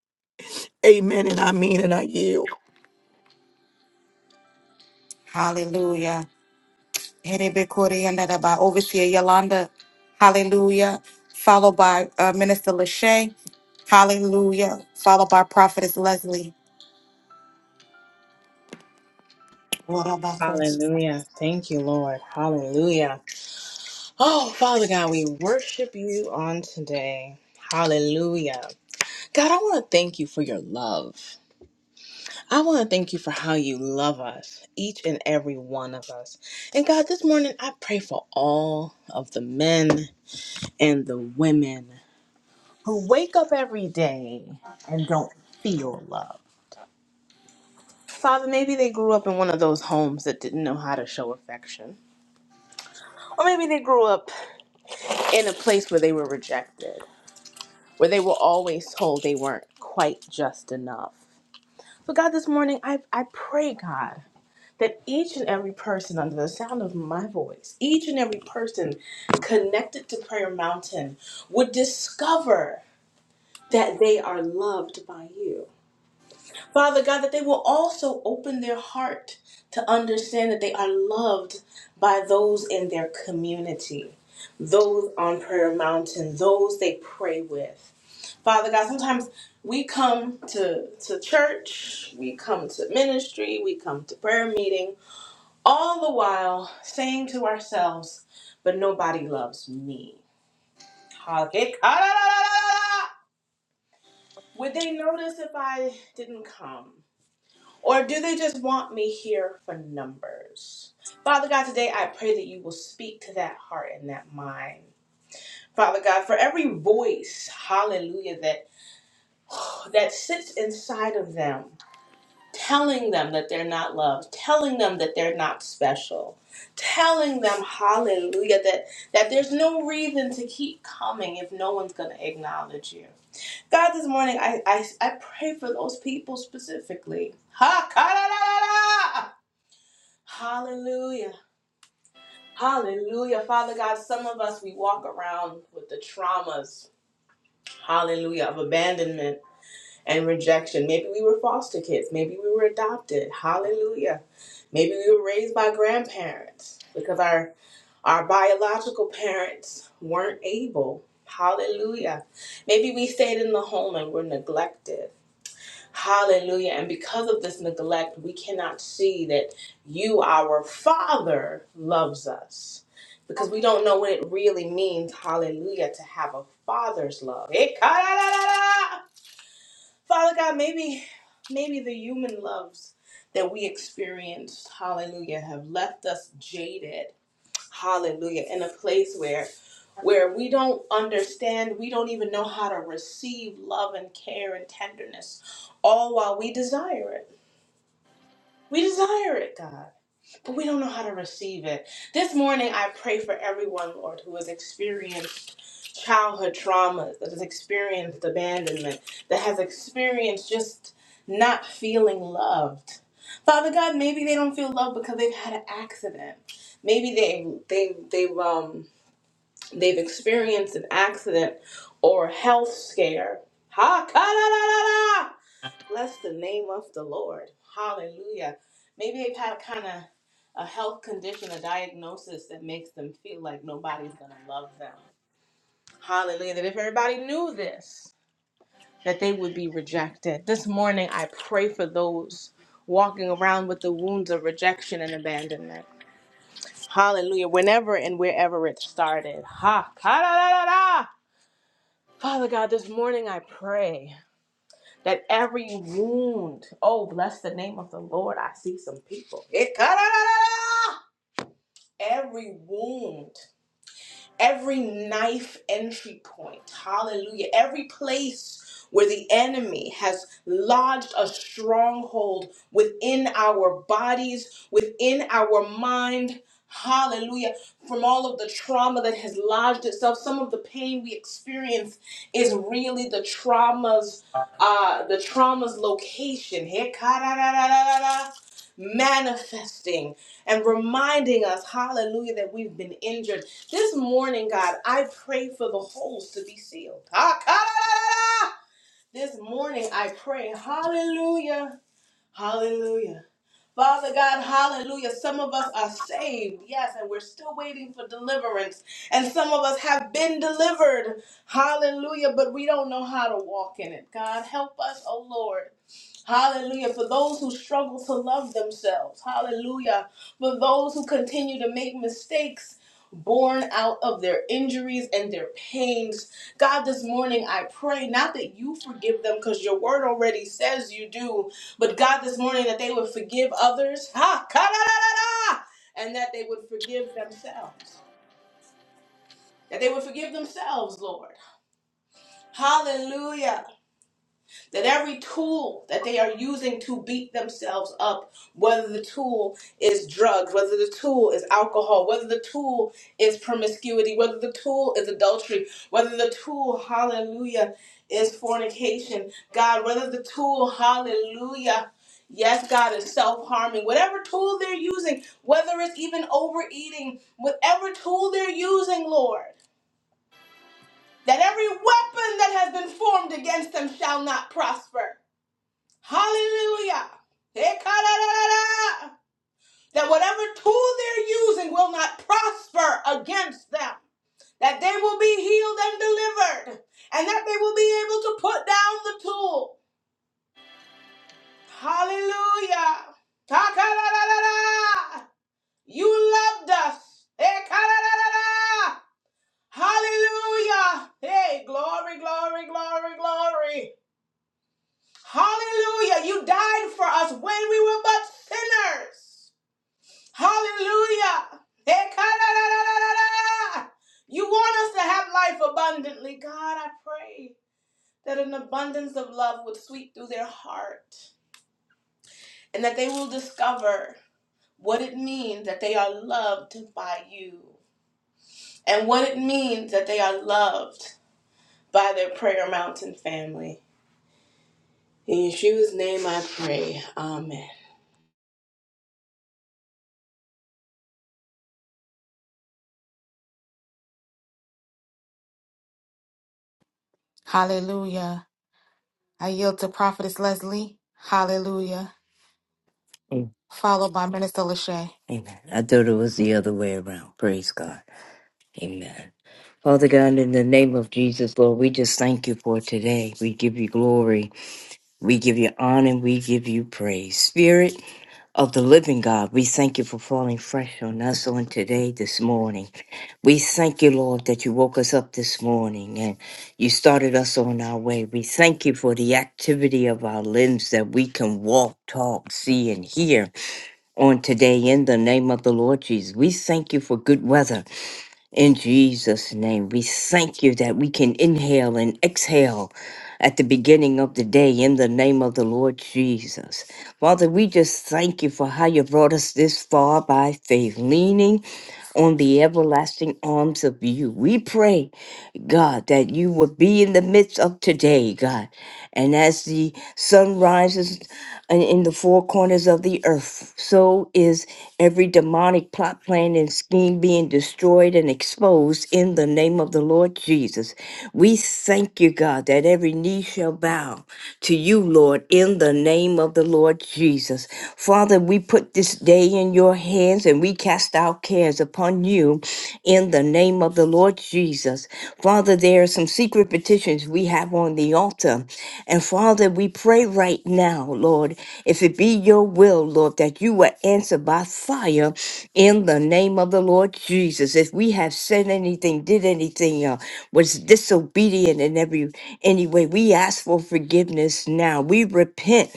Amen. And I mean and I yield. Hallelujah. Erebekori and that by Overseer Yolanda. Hallelujah. Followed by uh, Minister Lachey. Hallelujah. Followed by Prophetess Leslie. Orabakos. Hallelujah. Thank you, Lord. Hallelujah. Oh, Father God, we worship you on today. Hallelujah. God, I want to thank you for your love. I want to thank you for how you love us, each and every one of us. And God, this morning I pray for all of the men and the women who wake up every day and don't feel love. Father, maybe they grew up in one of those homes that didn't know how to show affection. Or maybe they grew up in a place where they were rejected, where they were always told they weren't quite just enough. But God, this morning, I, I pray, God, that each and every person under the sound of my voice, each and every person connected to Prayer Mountain would discover that they are loved by you Father God, that they will also open their heart to understand that they are loved by those in their community, those on Prayer Mountain, those they pray with. Father God, sometimes we come to, to church, we come to ministry, we come to prayer meeting, all the while saying to ourselves, but nobody loves me. Would they notice if I didn't come? Or do they just want me here for numbers? Father God, today I pray that you will speak to that heart and that mind. Father God, for every voice, hallelujah, that [sighs] that sits inside of them, telling them that they're not loved, telling them that they're not special, telling them, hallelujah, that, that there's no reason to keep coming if no one's gonna acknowledge you. God, this morning I I, I pray for those people specifically. Ha! ka-da-da-da-da! Hallelujah. Hallelujah. Father God, some of us, we walk around with the traumas, hallelujah, of abandonment and rejection. Maybe we were foster kids. Maybe we were adopted. Hallelujah. Maybe we were raised by grandparents because our, our biological parents weren't able. Hallelujah. Maybe we stayed in the home and were neglected. Hallelujah. And because of this neglect, we cannot see that you, our Father, loves us. Because we don't know what it really means, hallelujah, to have a father's love. Ekarararara. Father God, maybe maybe the human loves that we experienced. hallelujah, have left us jaded Hallelujah. In a place where where we don't understand, we don't even know how to receive love and care and tenderness, all while we desire it. We desire it, God, but we don't know how to receive it. This morning, I pray for everyone, Lord, who has experienced childhood traumas, that has experienced abandonment, that has experienced just not feeling loved. Father God, maybe they don't feel loved because they've had an accident. Maybe they they they've um they've experienced an accident or health scare. Ha ka da da da! Bless the name of the Lord. Hallelujah. Maybe they've had kind of a health condition, a diagnosis that makes them feel like nobody's gonna love them. Hallelujah. That if everybody knew this, that they would be rejected. This morning I pray for those walking around with the wounds of rejection and abandonment. Hallelujah. Whenever and wherever it started. Ha ka da da da da! Father God, this morning I pray that every wound, oh, bless the name of the Lord, I see some people. Every wound every knife entry point, hallelujah, every place where the enemy has lodged a stronghold within our bodies, within our mind, hallelujah, from all of the trauma that has lodged itself, some of the pain we experience is really the traumas. Uh, the trauma's location, Hekararararara, manifesting and reminding us, hallelujah, that we've been injured this morning, God, I pray for the holes to be sealed. Ah, ka-da-da-da-da! This morning, I pray, hallelujah, hallelujah. Father God, hallelujah. Some of us are saved, yes, and we're still waiting for deliverance. And some of us have been delivered, hallelujah, but we don't know how to walk in it. God, help us, oh Lord. Hallelujah. For those who struggle to love themselves, hallelujah. For those who continue to make mistakes born out of their injuries and their pains. God, this morning I pray not that you forgive them because your word already says you do, but God, this morning, that they would forgive others, ha, ka-da-da-da-da, and that they would forgive themselves. That they would forgive themselves, Lord. Hallelujah. that every tool that they are using to beat themselves up, whether the tool is drugs, whether the tool is alcohol, whether the tool is promiscuity, whether the tool is adultery, whether the tool, hallelujah, is fornication, God, whether the tool, hallelujah, Yes, God is self harming. Whatever tool they're using, whether it's even overeating, whatever tool they're using, Lord, that every weapon that has been formed against them shall not prosper. Hallelujah. That whatever tool they're using will not prosper against them. That they will be healed and delivered. And that they will be able to put down the tool. Hallelujah. You loved us. Hallelujah. Hey, glory, glory, glory, glory. Hallelujah. You died for us when we were but sinners. Hallelujah. Ekararararara. You want us to have life abundantly. God, I pray that an abundance of love would sweep through their heart and that they will discover what it means that they are loved by you and what it means that they are loved by their Prayer Mountain family. In Yeshua's name I pray. Amen. Hallelujah. I yield to Prophetess Leslie. Hallelujah. Mm. Followed by Minister Lachey. Amen. I thought it was the other way around. Praise God. Amen. Father God, in the name of Jesus, Lord, we just thank you for today. We give you glory. We give you honor. We give you praise. Spirit. of the living God, we thank you for falling fresh on us on today, this morning. We thank you, Lord, that you woke us up this morning and you started us on our way. We thank you for the activity of our limbs that we can walk, talk, see, and hear on today in the name of the Lord Jesus. We thank you for good weather. In Jesus' name, we thank you that we can inhale and exhale at the beginning of the day in the name of the Lord Jesus. Father, we just thank you for how you brought us this far by faith, leaning on the everlasting arms of you. We pray God, that you would be in the midst of today, God. And as the sun rises in in the four corners of the earth, so is every demonic plot, plan, and scheme being destroyed and exposed in the name of the Lord Jesus. We thank you, God, that every knee shall bow to you, Lord, in the name of the Lord Jesus. Father, we put this day in your hands and we cast our cares upon you in the name of the Lord Jesus. Father, there are some secret petitions we have on the altar. And Father, we pray right now, Lord, if it be your will, Lord, that you will answer by fire in the name of the Lord Jesus. If we have said anything, did anything, uh, was disobedient in every any way. We ask for forgiveness now. We repent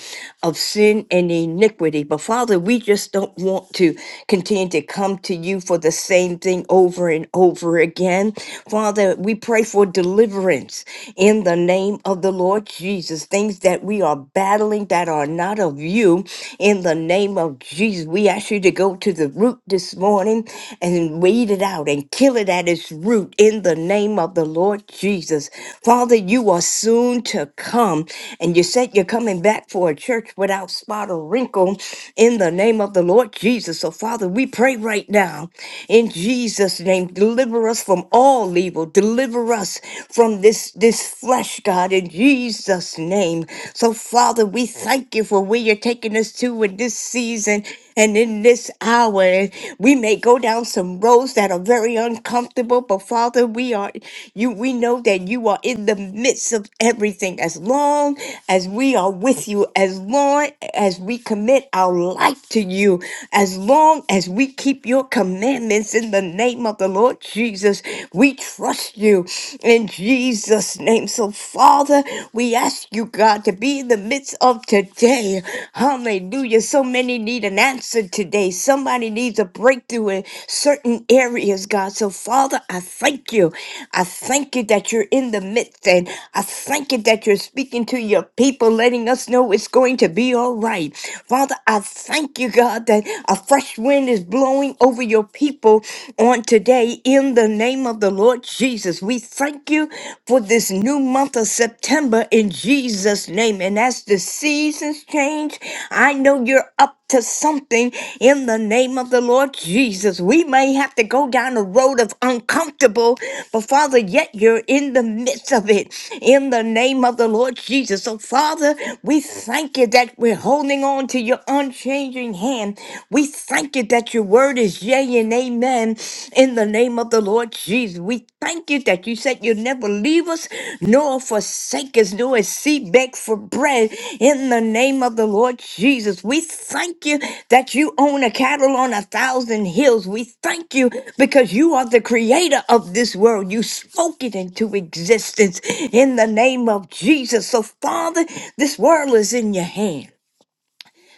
of sin and iniquity. But Father, we just don't want to continue to come to you for the same thing over and over again. Father, we pray for deliverance in the name of the Lord Jesus. Things that we are battling that are not of you in the name of Jesus. We ask you to go to the root this morning sin and weed it out and kill it at its root in the name of the Lord Jesus. Father, you are soon to come, and you said you're coming back for a church without spot or wrinkle in the name of the Lord Jesus. So, Father, we pray right now in Jesus' name, deliver us from all evil, deliver us from this, this flesh, God, in Jesus' name. So, Father, we thank you for where you're taking us to in this season and in this hour, we may go down some roads that are very uncomfortable, but Father, we are you we know that you are in the midst of everything. As long as we are with you, as long as we commit our life to you, as long as we keep your commandments in the name of the Lord Jesus, we trust you in Jesus' name. So, Father, we ask you, God. God, to be in the midst of today. Hallelujah. So many need an answer today. Somebody needs a breakthrough in certain areas, God. So, Father, I thank you. I thank you that you're in the midst, and I thank you that you're speaking to your people, letting us know it's going to be all right. Father, I thank you, God, that a fresh wind is blowing over your people on today in the name of the Lord Jesus. Jesus. We thank you for this new month of September in Jesus' name. And as the seasons change, I know you're up to something in the name of the Lord Jesus. We may have to go down a road of uncomfortable, but Father, yet you're in the midst of it in the name of the Lord Jesus. So, Father, we thank you that we're holding on to your unchanging hand. We thank you that your word word is yea and amen in the name of the Lord Jesus. We thank you that you said you'll never leave us nor forsake us nor seek back for bread in the name of the Lord Jesus. We thank you that you own a cattle on a thousand hills. We thank you because you are the creator of this world. You spoke it into existence in the name of Jesus. So, Father, this world is in your hands.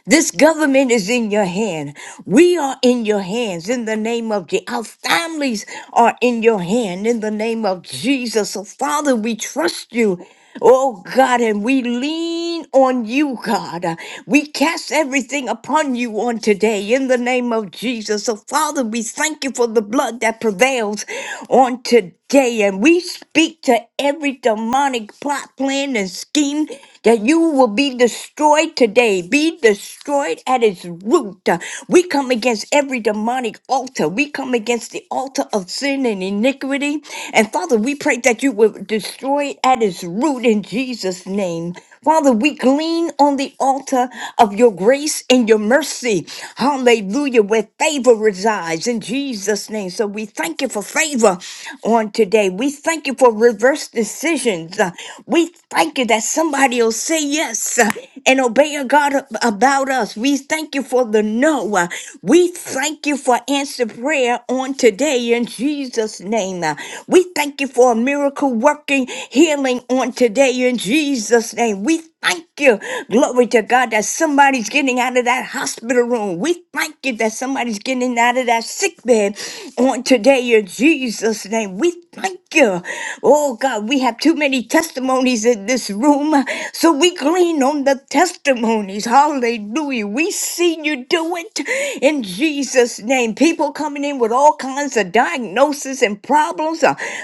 This government is in your hand. We are in your hands in the name of Jesus. Our families are in your hand in the name of Jesus. So, Father, we trust you. Oh God, and we lean on you, God. Uh, We cast everything upon you on today in the name of Jesus. So, Father, we thank you for the blood that prevails on today Day and we speak to every demonic plot, plan, and scheme that you will be destroyed today. Be destroyed at its root. We come against every demonic altar. We come against the altar of sin and iniquity. And Father, we pray that you will destroy it at its root in Jesus' name. Father, we glean on the altar of your grace and your mercy. Hallelujah, where favor resides in Jesus' name. So we thank you for favor on today. We thank you for reverse decisions. Uh, We thank you that somebody will say yes uh, and obey a God ab- about us. We thank you for the no. Uh, We thank you for answered prayer on today in Jesus' name. Uh, We thank you for a miracle working healing on today in Jesus' name. We thank you. Glory to God that somebody's getting out of that hospital room. We thank you that somebody's getting out of that sick bed on today in Jesus' name. We thank you. Oh God, we have too many testimonies in this room. So we glean on the testimonies. Hallelujah. We see you do it in Jesus' name. People coming in with all kinds of diagnoses and problems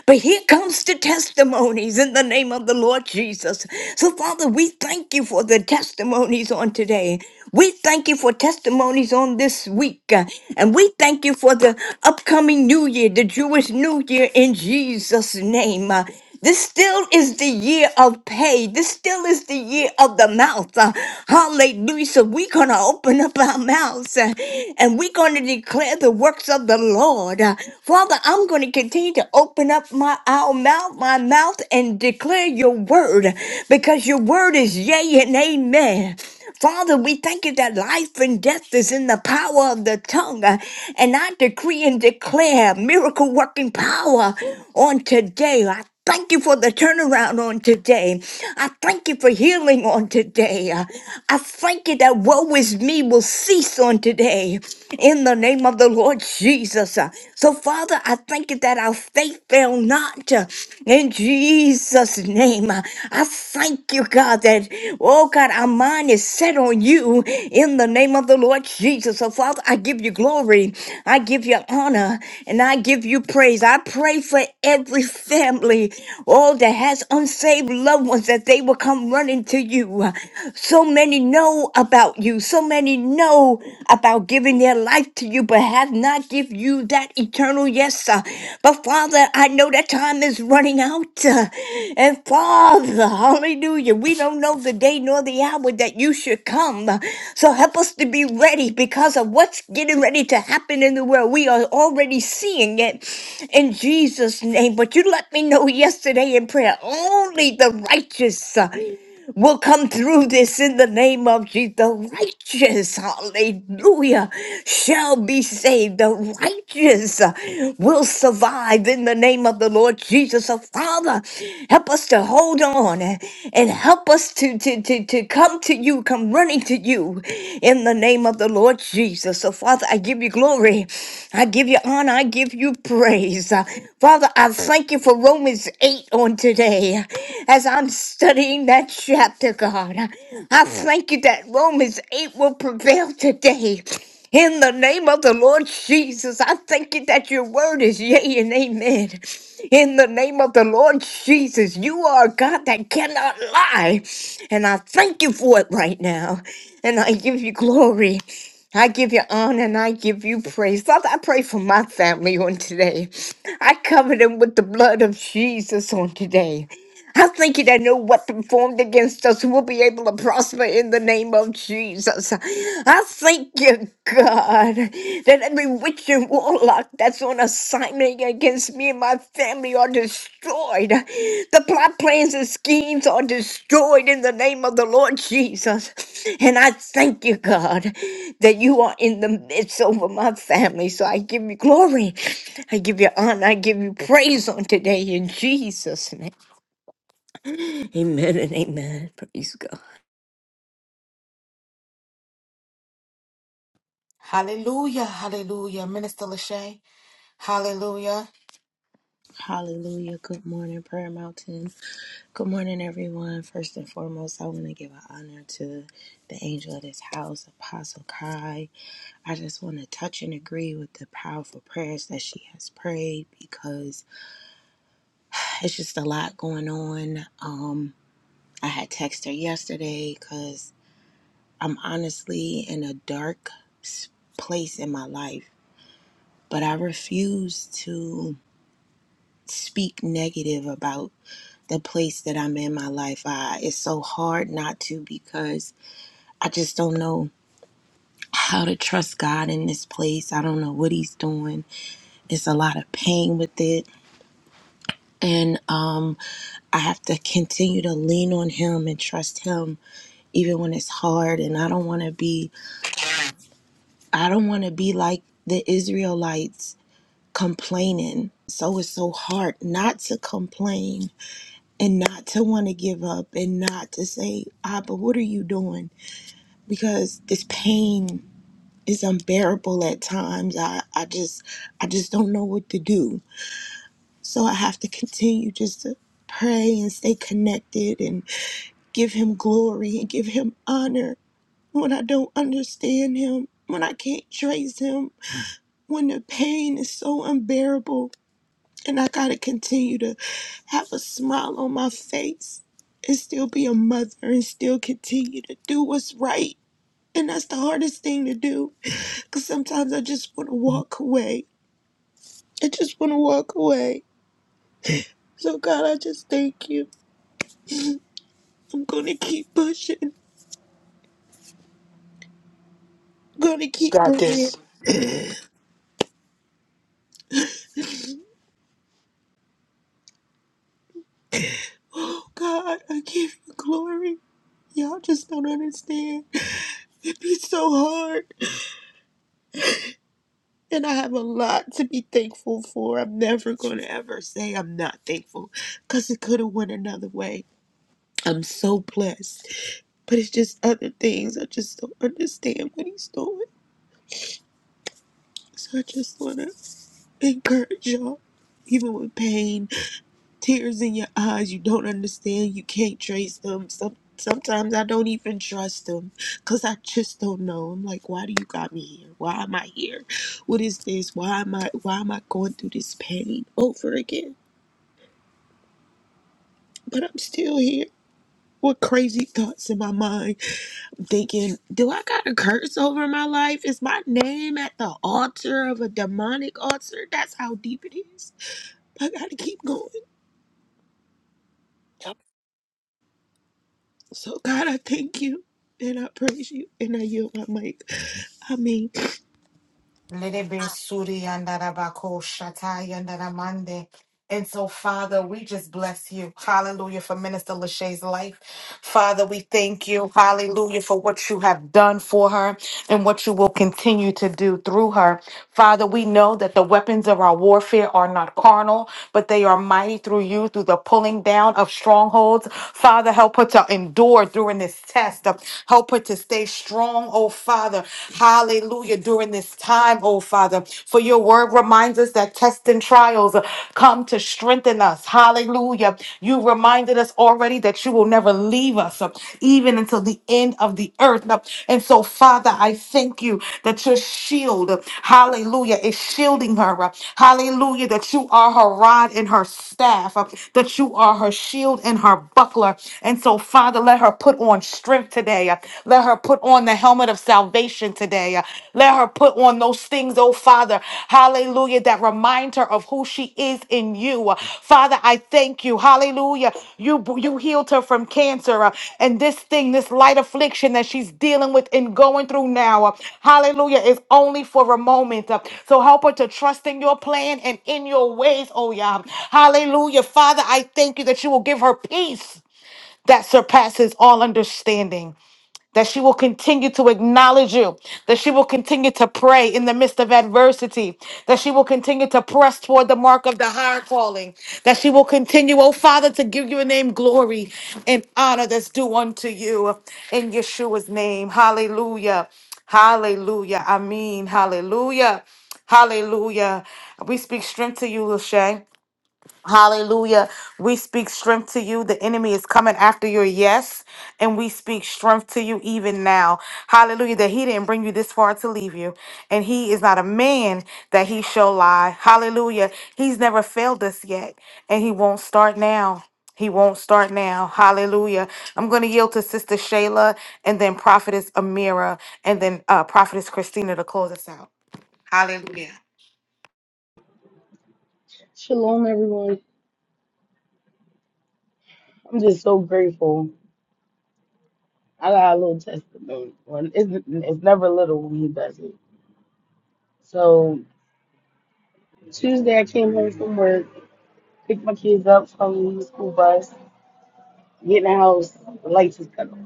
but here comes the testimonies in the name of the Lord Jesus. So, Father, we thank you for the testimonies on today. We thank you for testimonies on this week. uh, And we thank you for the upcoming new year, the Jewish new year in Jesus' name. Uh, this still is the year of pay. This still is the year of the mouth. Uh, hallelujah. So we're going to open up our mouths uh, and we're going to declare the works of the Lord. Uh, Father, I'm going to continue to open up my our mouth, my mouth and declare your word because your word is yea and amen. Father, we thank you that life and death is in the power of the tongue. Uh, And I decree and declare miracle working power on today. I thank you for the turnaround on today. I thank you for healing on today. Uh, I thank you that woe is me will cease on today in the name of the Lord Jesus. Uh, So, Father, I thank you that our faith fail not uh, in Jesus' name. Uh, I thank you, God, that, oh God, our mind is set on you you in the name of the Lord Jesus. So, Father, I give you glory. I give you honor and I give you praise. I pray for every family, all that has unsaved loved ones, that they will come running to you. So many know about you. So many know about giving their life to you, but have not give you that eternal yes yes. uh, But Father, I know that time is running out. uh, And Father, hallelujah, we don't know the day nor the hour that you should come. uh, So help us to be ready because of what's getting ready to happen in the world. We are already seeing it in Jesus' name. But you let me know yesterday in prayer only the righteous. uh, will come through this in the name of Jesus. The righteous, hallelujah, shall be saved. The righteous uh, will survive in the name of the Lord Jesus. So, Father, help us to hold on and and help us to, to, to, to come to you, come running to you in the name of the Lord Jesus. So, Father, I give you glory. I give you honor. I give you praise. Father, I thank you for Romans 8 on today. As I'm studying that chapter, God, I thank you that Romans 8 will prevail today. In the name of the Lord Jesus, I thank you that your word is yea and amen. In the name of the Lord Jesus, you are a God that cannot lie. And I thank you for it right now. And I give you glory. I give you honor and I give you praise. Father, I pray for my family on today. I cover them with the blood of Jesus on today. I thank you that no weapon formed against us will be able to prosper in the name of Jesus. I thank you, God, that every witch and warlock that's on assignment against me and my family are destroyed. The plot plans and schemes are destroyed in the name of the Lord Jesus. And I thank you, God that you are in the midst over my family. So I give you glory. I give you honor. I give you praise on today in Jesus' name. Amen and amen. Praise God. Hallelujah. Hallelujah. Minister Lachey. Hallelujah. Hallelujah. Good morning, Prayer Mountain. Good morning, everyone. First and foremost, I want to give an honor to the angel of this house, Apostle Kai. I just want to touch and agree with the powerful prayers that she has prayed because it's just a lot going on. Um, I had texted her yesterday because I'm honestly in a dark s- place in my life, but I refuse to speak negative about the place that I'm in my life. I, it's so hard not to because I just don't know how to trust God in this place. I don't know what He's doing. It's a lot of pain with it. And um, I have to continue to lean on Him and trust Him even when it's hard. And I don't want to be, I don't want to be like the Israelites complaining. So it's so hard not to complain and not to want to give up and not to say, ah, but what are you doing? Because this pain is unbearable at times. I, I just I just don't know what to do. So I have to continue just to pray and stay connected and give him glory and give him honor when I don't understand him, when I can't trace him, when the pain is so unbearable And I got to continue to have a smile on my face and still be a mother and still continue to do what's right. And that's the hardest thing to do because sometimes I just want to walk away. I just want to walk away. So, God, I just thank you. I'm going to keep pushing. I'm going to keep Got praying. this. [gasps] Oh, God, I give you glory. Y'all just don't understand. It's so hard. And I have a lot to be thankful for. I'm never going to ever say I'm not thankful because it could have went another way. I'm so blessed. But it's just other things. I just don't understand what he's doing. So I just want to encourage y'all, even with pain tears in your eyes you don't understand you can't trace them Some, sometimes i don't even trust them because i just don't know i'm like why do you got me here why am i here what is this why am i why am i going through this pain over again but i'm still here What crazy thoughts in my mind I'm thinking, do I got a curse over my life? Is my name at the altar of a demonic altar? That's how deep it is. I gotta keep going. So, God, I thank you and I praise you and I yield my mic. I mean, Lerebe suri and that Ko Shatai and And so, Father, we just bless you. Hallelujah for Minister Lachey's life. Father, we thank you. Hallelujah for what you have done for her and what you will continue to do through her. Father, we know that the weapons of our warfare are not carnal, but they are mighty through you, through the pulling down of strongholds. Father, help her to endure during this test. Help her to stay strong, oh Father. Hallelujah during this time, oh Father. For your word reminds us that tests and trials come to strengthen us. Hallelujah. You reminded us already that you will never leave us, uh, even until the end of the earth. Uh, And so, Father, I thank you that your shield, uh, hallelujah, is shielding her. uh, Hallelujah, that you are her rod and her staff, uh, that you are her shield and her buckler. And so, Father, let her put on strength today. uh, Let her put on the helmet of salvation today. uh, Let her, oh Father, is in you. Uh, Father, I thank you. Hallelujah. You're, uh, and this thing she's dealing with and going through now, uh, hallelujah, is only for a moment. uh, So help her to trust in your plan and in your ways, oh yeah. Hallelujah. Father, I thank you that you will give her peace that surpasses all understanding. that she will continue to acknowledge you, that she will continue to pray in the midst of adversity, that she will continue to press toward the mark of the higher calling, that she will continue, oh Father, to give your name glory and honor that's due unto you in Yeshua's name. Hallelujah. Hallelujah. I mean, hallelujah. Hallelujah. We speak strength to you, Lil Shay. Hallelujah. We speak strength to you. The enemy is coming after your yes, and we speak strength to you even now. Hallelujah. That he didn't bring you this far to leave you, and he is not a man that he shall lie. Hallelujah. He's never failed us yet, and he won't start now. He won't start now. Hallelujah. I'm going to yield to Sister Shayla and then Prophetess Amira and then uh, Prophetess Christina to close us out. Hallelujah. Shalom, everyone. I'm just so grateful. I got a little testimony. Well, It's, it's never little when he does it. So Tuesday, I came home from work, picked my kids up from the school bus, get in the house, the lights was cut off.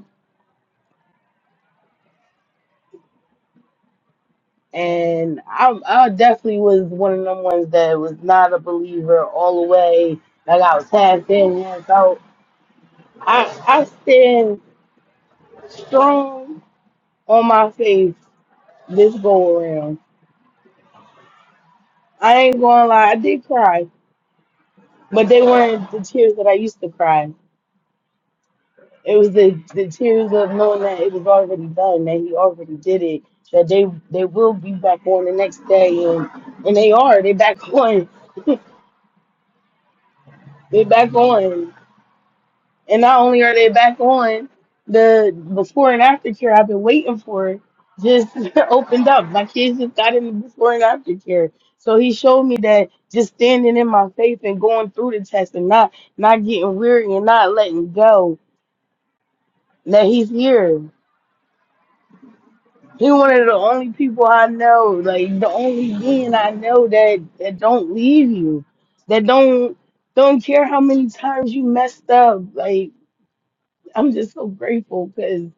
And I, I definitely was one of them ones that was not a believer all the way. Like I was half in, half out. I, I stand strong on my faith this go around. I ain't gonna lie, I did cry But they weren't the tears that I used to cry. It was the, the tears of knowing that it was already done, that he already did it, that they they will be back on the next day, and and they are. They back [laughs] on. They back on. And not only are they back on, the before and after care I've been waiting for just [laughs] opened up. My kids just got in the before and after care. So he showed me that just standing in my faith and going through the test and not not getting weary and not letting go that he's here He one of the only people I know, like the only being I know that that don't leave you, that don't don't care how many times you messed up. Like I'm just so grateful because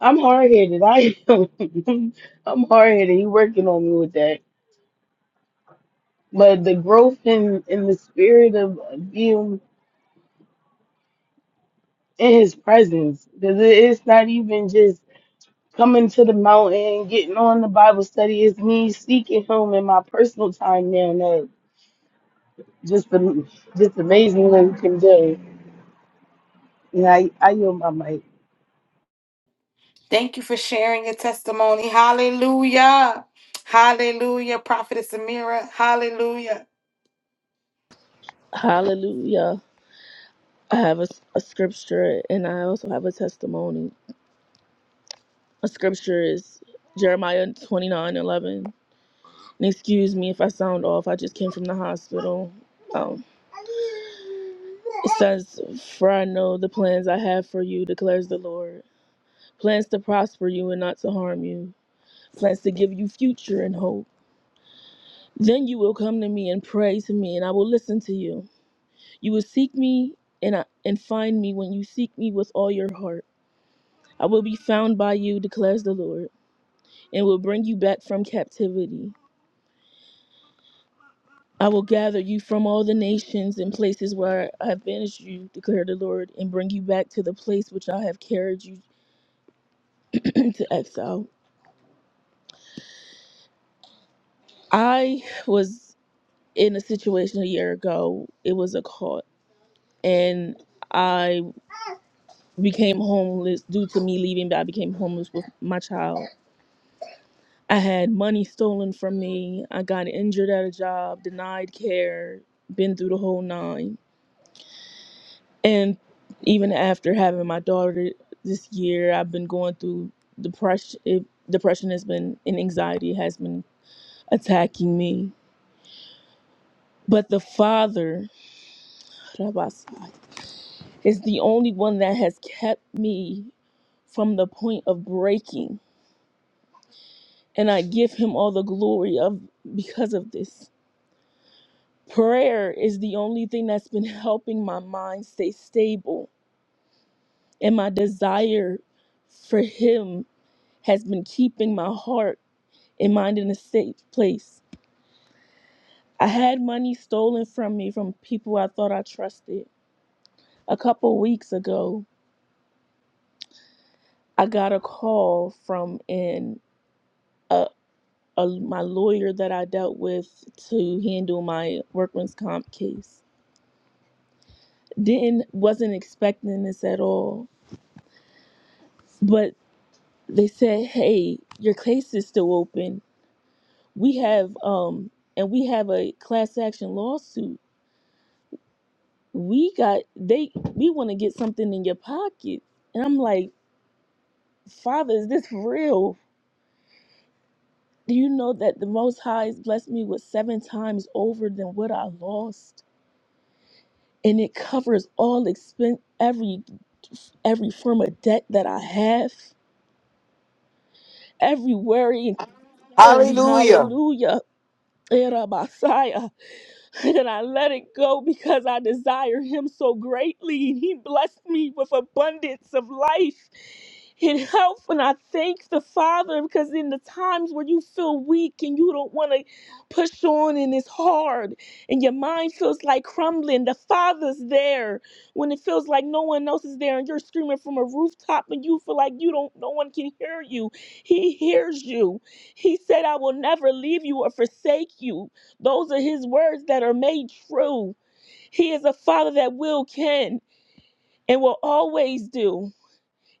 I'm hard headed. I am. [laughs] I'm hard headed. He working on me with that, but the growth in in the spirit of being in his presence, because it's not even just coming to the mountain, getting on the Bible study. It's me seeking him in my personal time now. no. Just am- just amazing what amazingly today. And I, I yield my mic. Thank you for sharing your testimony. Hallelujah. Hallelujah. Prophetess Amira. Hallelujah. Hallelujah. I have a, s- a scripture and I also have a testimony. A scripture is Jeremiah twenty nine eleven. And excuse me if I sound off, I just came from the hospital. Um, it says, For I know the plans I have for you, declares the Lord. plans to prosper you and not to harm you, plans to give you future and hope. Then you will come to me and pray to me, and I will listen to you. You will seek me and, I, and find me when you seek me with all your heart. I will be found by you, declares the Lord, and will bring you back from captivity. I will gather you from all the nations and places where I have banished you, declared the Lord, and bring you back to the place which I have carried you [clears throat] to exile. I was in a situation a year ago. It was a call and I became homeless due to me leaving. But I became homeless with my child. I had money stolen from me. I got injured at a job, denied care, been through the whole nine. And even after having my daughter this year, I've been going through depression. It, depression has been and anxiety has been attacking me. But the Father is the only one that has kept me from the point of breaking and I give him all the glory of because of this. Prayer is the only thing that's been helping my mind stay stable, and my desire for him has been keeping my heart and mind in a safe place. I had money stolen from me from people I thought I trusted. A couple weeks ago, I got a call from an a, a, my lawyer that I dealt with to handle my workman's comp case didn't wasn't expecting this at all but they said hey your case is still open we have um and we have a class action lawsuit we got they we want to get something in your pocket and i'm like father is this real do you know that the most high has blessed me with seven times over than what i lost and it covers all expense every every form of debt that i have every worry and concern Hallelujah. hallelujah Era Messiah, [laughs] and I let it go because I desire him so greatly. And he blessed me with abundance of life and health. And I thank the Father because in the times where you feel weak and you don't want to push on and it's hard and your mind feels like crumbling, the Father's there when it feels like no one else is there and you're screaming from a rooftop and you feel like you don't no one can hear you. He hears you. He said, I will never leave you or forsake you. Those are his words that are made true. He is a father that will, can, and will always do.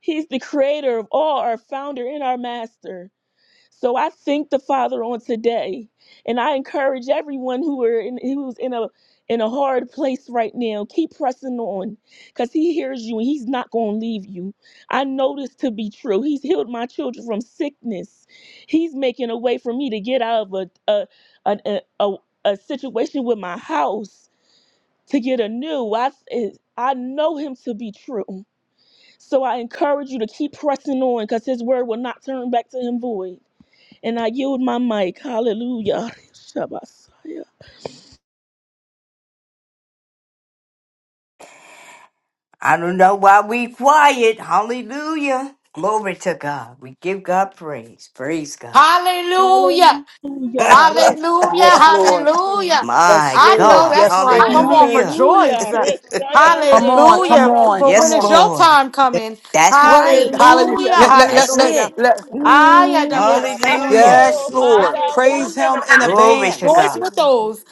He's the creator of all, our founder and our master. So I thank the Father on today, and I encourage everyone who are in who's in a in a hard place right now. Keep pressing on, cause He hears you and He's not gonna leave you. I know this to be true. He's healed my children from sickness. He's making a way for me to get out of a a a a, a, a situation with my house to get a new. I I know Him to be true. So I encourage you to keep pressing on, cause His word will not turn back to Him void. And I yield my mic. Hallelujah. Shabasaya. I don't know why we quiet. Hallelujah. Glory to God. We give God praise. Praise God. Hallelujah. Hallelujah. Hallelujah. Yes, Reshaya. Lord. Hallelujah. Yes, My I know Lord. God. that's Yes, right. Come Lord. on, Hallelujah. rejoice. Hallelujah. Reshaya. Come on, come Hallelujah. Reshara. on, For come when Yes, is on. your Lord. time coming? That's right. Hallelujah. Hallelujah. Let, Hallelujah. let, let, That's let, Hallelujah. it. let, Mm, yeah, that's Ayadabasoya. Hallelujah. Yes, so my Lord. Yahweh. Praise Hallelujah. him in Glory to advance. Rejoice God. with those.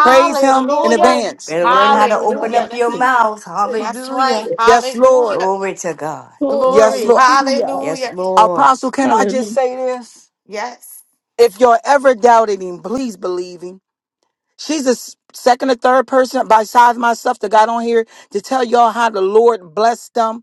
Praise Oh, him in advance. Better learn how to oh, open Hallelujah. up your That's Rabasi. right. mouth. That's Hallelujah. right. Yes, Lord. Hallelujah. Glory to God. oh, Yes, Glory. Lord. hallelujah. Yes, Hallelujah. Lord. Apostle, can I just Hallelujah. say this? Yes. If you're ever doubting him, please believe him. She's the s- second or third person besides myself that got on here to tell y'all how the Lord blessed them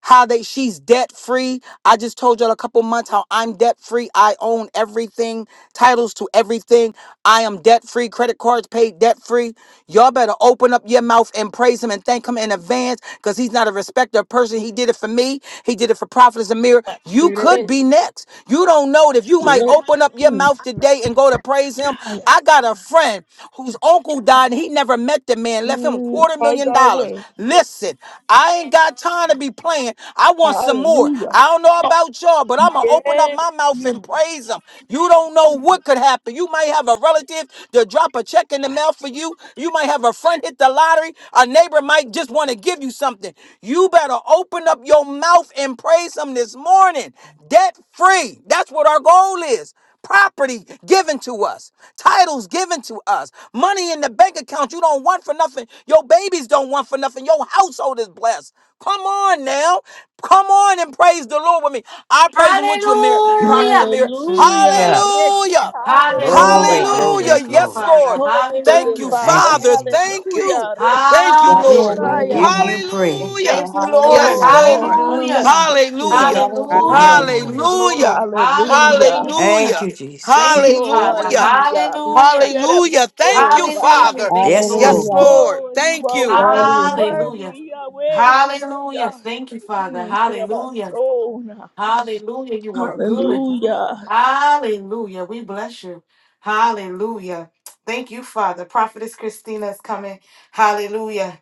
how they she's debt free. I just told y'all a couple months how I'm debt free. I own everything, titles to everything. I am debt free, credit cards paid debt free. Y'all better open up your mouth and praise him and thank him in advance because he's not a respecter of person. He did it for me. He did it for Prophet Amir. You Here it could is. be next. You don't know it. If you Here might it open is. open up your Mm, mouth today and go to praise him. hi. I got a friend whose uncle died and he never met the man, left him a Mm, quarter My million dollars. Yahweh. Listen, I ain't got time to be playing. I want some more. Hallelujah. I don't know about y'all, but I'm going to open up Yes. my mouth and praise him. You don't know what could happen. You might have a relative to drop a check in the mail for you. You might have have a friend hit the lottery. A neighbor might just want to give you something. You better open up your mouth and praise Him this morning. Debt free. That's what our goal is. Property given to us, titles given to us, money in the bank account you don't want for nothing. Your babies don't want for nothing. Your household is blessed. Come on now. Come on and praise the Lord with me. I praise Him with you, Amir. Prophet Hallelujah. Amir. Hallelujah. Hallelujah. Rich. Hallelujah. Glory, Hallelujah. Hallelujah. glory, Hallelujah. Thank you, Yes, glory. Lord. Father. Oh, you a Thank good you, Hallelujah. Thank father. you, Father. Jesus. Thank you. Hallelujah. Rich. Thank you, Yes, Hallelujah. Lord. Lord. We Hallelujah. Fire. give Hallelujah. you Yes, praise. Hallelujah. Lord. Thank you, Lord. Yes, Oh, Hallelujah. and Lord. Hallelujah. under. Hallelujah. Hallelujah. Thank Hallelujah. you, Hallelujah. We give Lord. you glory. Hallelujah. Hallelujah. Hallelujah. Thank Hallelujah. you, Thank Jesus. you, Oh, Father. Hallelujah. hallelujah. Hallelujah. Shut up. Hallelujah. Thank Oh, you, Rabbiah. Hallelujah. Father. Thank you, Yes, Lord. Yes, Lord. Hallelujah. Lord. Oh, you Thank are you. worthy, Hallelujah. Hallelujah. worthy, Yahweh. Hallelujah. Hallelujah. Thank you, Father. Mm, Rabbah, Hallelujah. so now. Hallelujah. You are good. Hallelujah. Hallelujah. We bless you. Hallelujah. Thank you, Father. Prophetess Christina is coming. Hallelujah.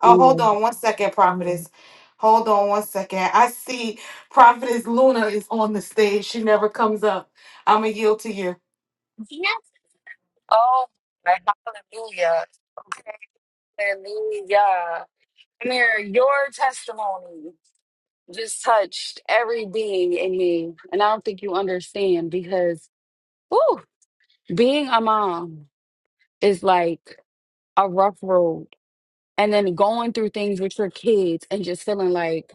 Oh, hold on one second, Prophetess. Hold on one second. I see Prophetess Luna is on the stage. She never comes up. I'm going to yield to you. Yes. Oh, my- hallelujah. Okay, hallelujah. Amir, your testimony just touched every being in me. And I don't think you understand because, whew, being a mom is like a rough road. and then going through things with your kids and just feeling like,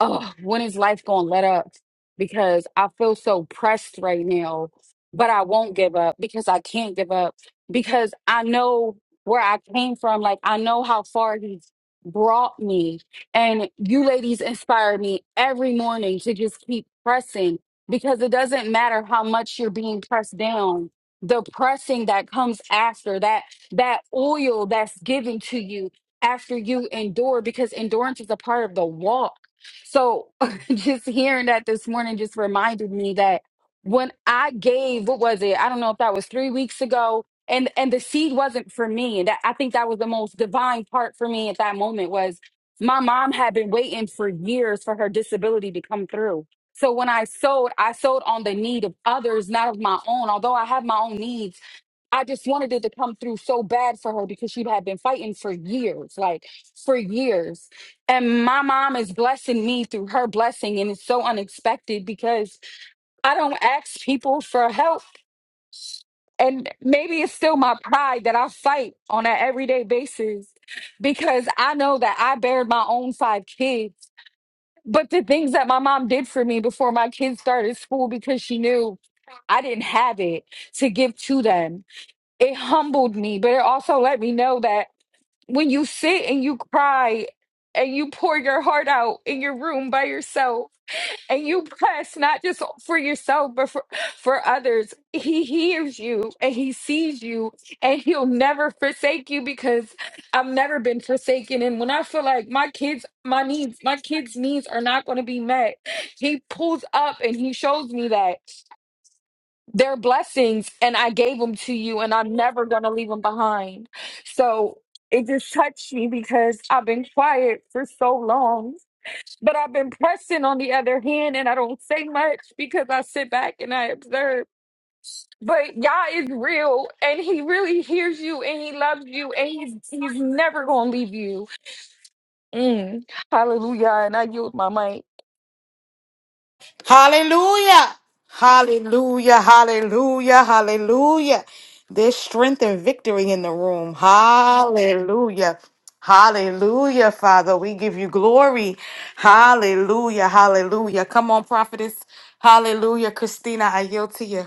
oh, when is life going to let up? Because I feel so pressed right now, but I won't give up because I can't give up because I know where I came from. Like, I know how far he's brought me. And you ladies inspire me every morning to just keep pressing because it doesn't matter how much you're being pressed down. The pressing that comes after that, that oil that's given to you after you endure because endurance is a part of the walk. So [laughs] just hearing that this morning just reminded me that when I gave, what was it? I don't know if that was three weeks ago. And and the seed wasn't for me. And that, I think that was the most divine part for me at that moment was my mom had been waiting for years for her disability to come through. So when I sowed, I sowed on the need of others, not of my own. Although I have my own needs, I just wanted it to come through so bad for her because she had been fighting for years, like for years. And my mom is blessing me through her blessing. And it's so unexpected because I don't ask people for help. And maybe it's still my pride that I fight on an everyday basis because I know that I bared my own five kids. But the things that my mom did for me before my kids started school because she knew I didn't have it to give to them it humbled me, but it also let me know that when you sit and you cry and you pour your heart out in your room by yourself and you press not just for yourself but for, for others, he hears you and he sees you and he'll never forsake you because I've never been forsaken. And when I feel like my kids, my needs, my kids' needs are not going to be met, he pulls up and he shows me that. They're blessings, and I gave them to you, and I'm never going to leave them behind. So it just touched me because I've been quiet for so long, but I've been pressing on the other hand, and I don't say much because I sit back and I observe. But Yah is real, and He really hears you, and He loves you, and He's He's never gonna leave you. Mm. Hallelujah! And I yield my mic. Hallelujah. Hallelujah. Hallelujah. Hallelujah. There's strength and victory in the room. Hallelujah. Hallelujah, Father. We give you glory. Hallelujah. Hallelujah. Come on, prophetess. Hallelujah. Christina, I yield to you.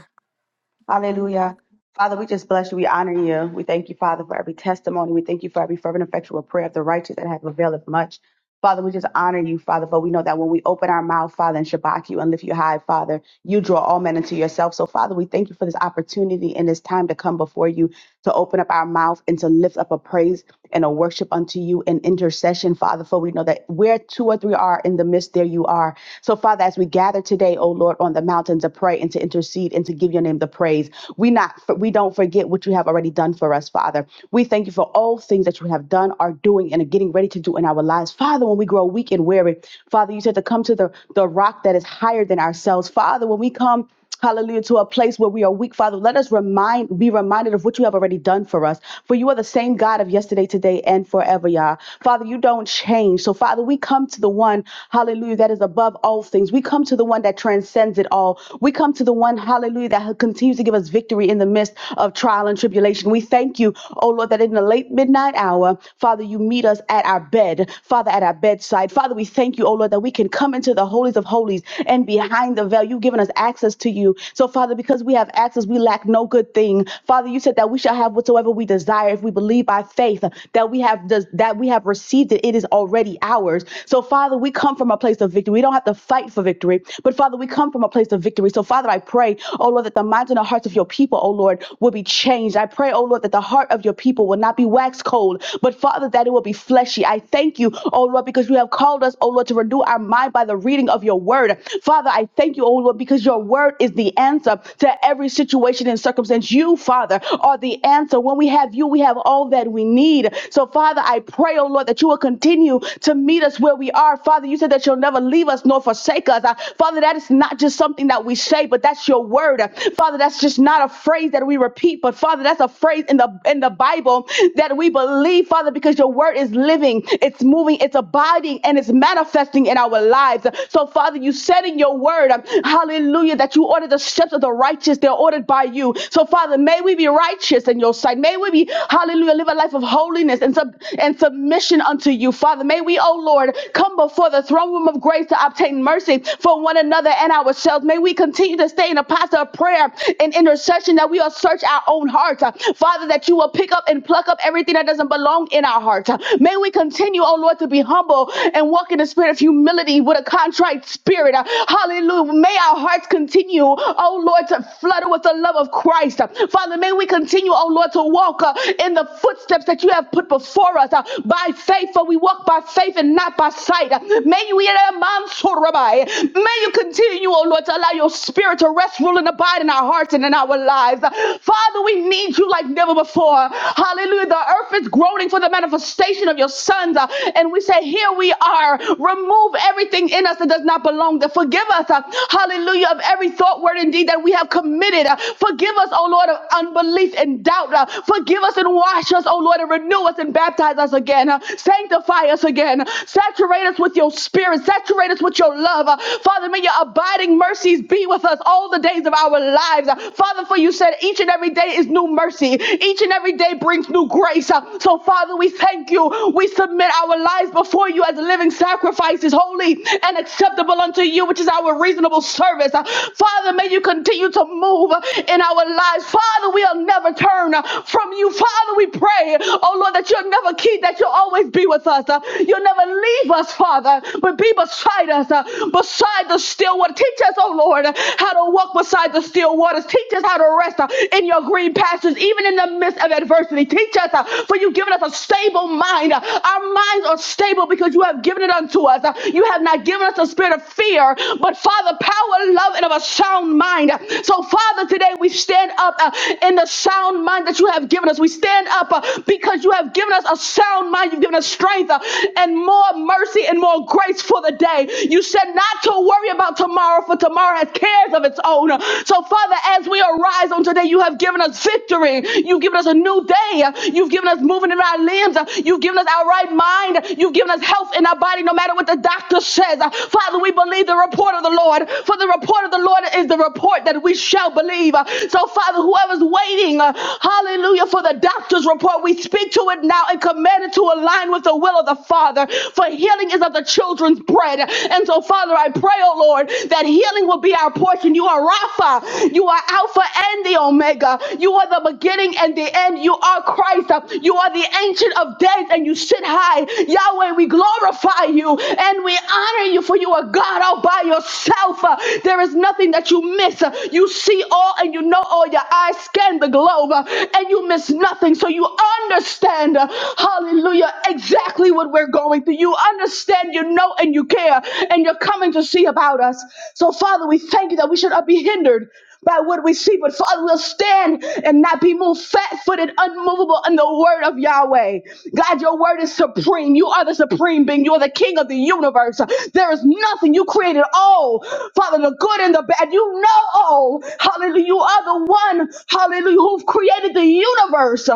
Hallelujah. Father, we just bless you. We honor you. We thank you, Father, for every testimony. We thank you for every fervent, effectual prayer of the righteous that have availed much. Father, we just honor you, Father, For we know that when we open our mouth, Father, and shabak you and lift you high, Father, you draw all men into yourself. So, Father, we thank you for this opportunity and this time to come before you to open up our mouth and to lift up a praise and a worship unto you in intercession, Father, for we know that where two or three are in the midst, there you are. So, Father, as we gather today, O Lord, on the mountain to pray and to intercede and to give your name the praise. We not we don't forget what you have already done for us, Father. We thank you for all things that you have done, are doing, and are getting ready to do in our lives. Father, when we grow weak and weary, Father, you said to come to the, the rock that is higher than ourselves. Father, when we come Hallelujah, to a place where we are weak, Father. Let us remind, be reminded of what you have already done for us. For you are the same God of yesterday, today, and forever, Yah. Father, you don't change. So, Father, we come to the one, hallelujah, that is above all things. We come to the one that transcends it all. We come to the one, hallelujah, that you that continues to give us victory in the midst of trial and tribulation. We thank you, oh Lord, that in the late midnight hour, Father, you meet us at our bed, Father, at our bedside. Father, we thank you, oh Lord, that we can come into the holies of holies and behind the veil. You've given us access to you. So, Father, because we have access, we lack no good thing. Father, you said that we shall have whatsoever we desire if we believe by faith that we have des- that we have received it. It is already ours. So, Father, we come from a place of victory. We don't have to fight for victory, but Father, we come from a place of victory. So, Father, Father, I pray, oh Lord, that the minds and the hearts of your people, oh Lord, will be changed. I pray, oh Lord, that the heart of your people will not be wax cold, but Father, that it will be fleshy. I thank you, oh Lord, because you have called us, oh Lord, to renew our mind by the reading of your word. Father, I thank you, oh Lord, because your word is the answer to every situation and circumstance. You, Father, are the answer. When we have you, we have all that we need. So, Father, I pray, oh Lord, that you will continue to meet us where we are. Father, you said that you'll never leave us nor forsake us. Uh, Father, that is not just not just something that we say, but that's your word. Father, that's just not a phrase that we repeat, but Father, that's a phrase in the in the Bible that we believe, Father, because your word is living, it's moving, it's abiding, and it's manifesting in our lives. So, Father, you said in your word, hallelujah, that you order the steps of the righteous, they're ordered by you. So, Father, may we be righteous in your sight. May we be, hallelujah, live a life of holiness and, sub- and submission unto you, Father. May we, oh Lord, come before the throne room of grace to obtain mercy for one another and ourselves. May we continue to stay in a posture of prayer and intercession that we will search our own hearts. Uh, Father, that you will pick up and pluck up everything that doesn't belong in our hearts. Uh, May we continue, oh Lord, to be humble and walk in the spirit of humility with a contrite spirit. Uh, Hallelujah. May our hearts continue, oh Lord, to flutter with the love of Christ. Uh, Father, may we continue, oh Lord, to walk uh, in the footsteps that you have put before us uh, by faith, for we walk by faith and not by sight. Uh, May we uh, May you continue, oh Lord, to allow your spirit to rest, rule, and abide in our hearts and in our lives. Father, we need you like never before. Hallelujah. The earth is groaning for the manifestation of your sons. uh, And we say, Here we are. Remove everything in us that does not belong. That forgive us, uh, hallelujah, of every thought, word, and deed that we have committed. Uh, Forgive us, oh Lord, of unbelief and doubt. Uh, Forgive us and wash us, oh Lord, and renew us and baptize us again. Uh, Sanctify us again. Saturate us with your your spirit. Saturate us with your love. Uh, Father, may your abiding mercies be with us all the days of our lives. Uh, Father, for you said each and every day is new mercy. Each and every day brings new grace. Uh, so, Father, we thank you. We submit our lives before you as living sacrifices, holy and acceptable unto you, which is our reasonable service. Uh, Father, may you continue to move uh, in our lives. Father, we'll never turn uh, from you. Father, we pray, oh Lord, that you'll never keep, that you'll always be with us. Uh, You'll never and leave us, Father, but be beside us, uh, beside the still water. Teach us, oh Lord, uh, how to walk beside the still waters. Teach us how to rest uh, in your green pastures, even in the midst of adversity. Teach us, uh, for you've given us a stable mind. Uh, Our minds are stable because you have given it unto us. Uh, You have not given us a spirit of fear, but Father, power, love, and of a sound mind. So, Father, today we stand up uh, in the sound mind that you have given us. We stand up uh, because you have given us a sound mind. You've given us strength strength and more mercy and more grace for the day. You said not to worry about tomorrow, for tomorrow has cares of its own. So, Father, as we arise on today, you have given us victory. You've given us a new day. You've given us movement in our limbs. You've given us our right mind. You've given us health in our body, no matter what the doctor says. Father, we believe the report of the Lord, for the report of the Lord is the report that we shall believe. So, Father, whoever's waiting, uh, hallelujah, for the doctor's report, we speak to it now and command it created to align with the will of the Father, for healing is of the children's bread. And so, Father, I pray, oh Lord, that healing will be our portion. You are Rapha, you are Alpha and the Omega, you are the beginning and the end, you are Christ, you are the ancient of days, and you sit high. Yahweh, we glorify you and we honor you, for you are God all by yourself. Uh, There is nothing that you miss. Uh, You see all and you know all. Your eyes scan the globe uh, and you miss nothing. So you understand understand, uh, hallelujah, exactly what we're going through. You understand, you know, and you care, and you're coming to see about us. So, Father, we thank you that we should not be hindered by what we see, but Father, we'll stand and not be moved, fat footed, unmovable in the word of Yahweh. God, your word is supreme. You are the supreme being. You are the king of the universe. There is nothing. You created all, Father, the good and the bad. You know all. Hallelujah. You are the one, hallelujah, who created the universe.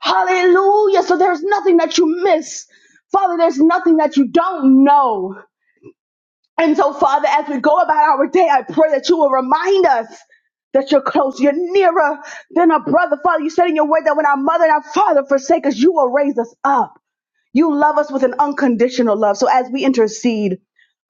Hallelujah. So there's nothing that you miss. Father, there's nothing that you don't know. And so, Father, as we go about our day, I pray that you will remind us that you're close, you're nearer than a brother. Father, you said in your word that when our mother and our father forsake us, you will raise us up. You love us with an unconditional love. So as we intercede,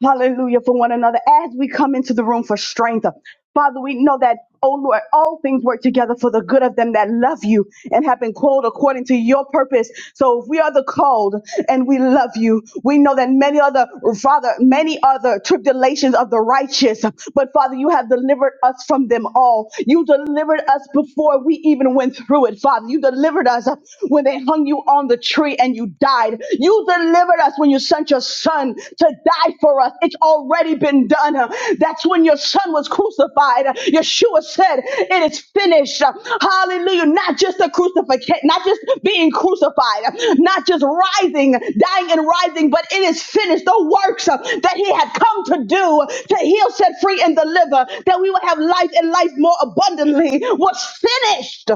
hallelujah, for one another, as we come into the room for strength, Father, we know that, oh Lord, all things work together for the good of them that love you and have been called according to your purpose. So if we are the called and we love you, we know that many other, Father, many other tribulations of the righteous, but Father, you have delivered us from them all. You delivered us before we even went through it, Father. You delivered us when they hung you on the tree and you you died. You delivered us when you sent your son to die for us. It's already been done. That's when your son was crucified. Yeshua said, It is finished. Hallelujah. Not just the crucifixion, not just being crucified, not just rising, dying and rising, but it is finished. The works that he had come to do to heal, set free, and deliver, that we would have life and life more abundantly was finished.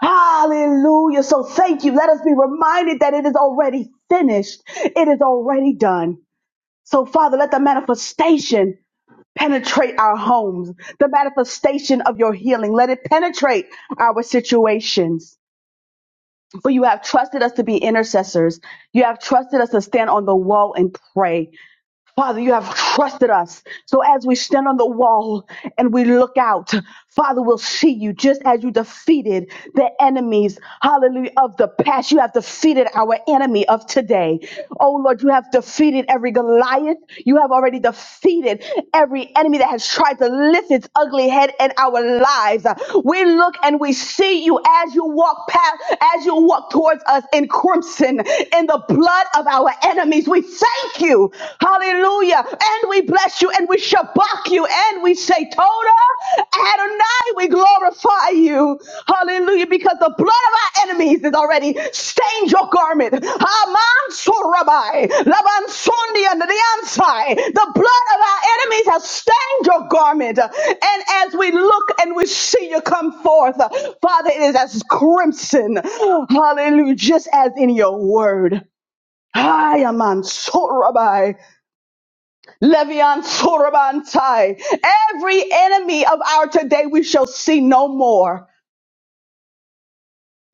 Hallelujah. So thank you. Let us be reminded that it is already finished. It is already done. So Father, let the manifestation penetrate our homes. The manifestation of your healing. Let it penetrate our situations. For you have trusted us to be intercessors. You have trusted us to stand on the wall and pray. Father, you have trusted us. So as we stand on the wall and we look out, Father, we'll see you just as you defeated the enemies, hallelujah, of the past. You have defeated our enemy of today. Oh Lord, you have defeated every Goliath. You have already defeated every enemy that has tried to lift its ugly head in our lives. We look and we see you as you walk past, as you walk towards us in crimson, in the blood of our enemies. We we thank you. Hallelujah. And we bless you and we shabak you and we say, Toda Adonai, we glorify you. Hallelujah. Because the blood of our enemies is already stained your garment. Aman sorabai, laban sondi and the ansai. The blood of our enemies has stained your garment. And as we look and we see you come forth, Father, it is as crimson. Hallelujah. Just as in your word. Hayaman Sorabai, Levian Sorabantai. Every enemy of our today we shall see no more.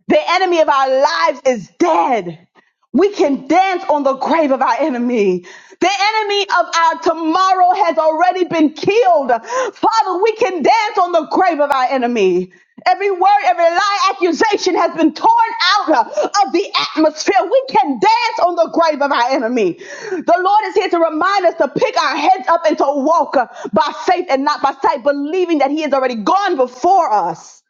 The enemy of our lives is dead. We can dance on the grave of our enemy. The enemy of our tomorrow has already been killed. Father, we can dance on the grave of our enemy. Every word, every lie, accusation has been torn out of the atmosphere. We can dance on the grave of our enemy. The Lord is here to remind us to pick our heads up and to walk by faith and not by sight, believing that He has already gone before us.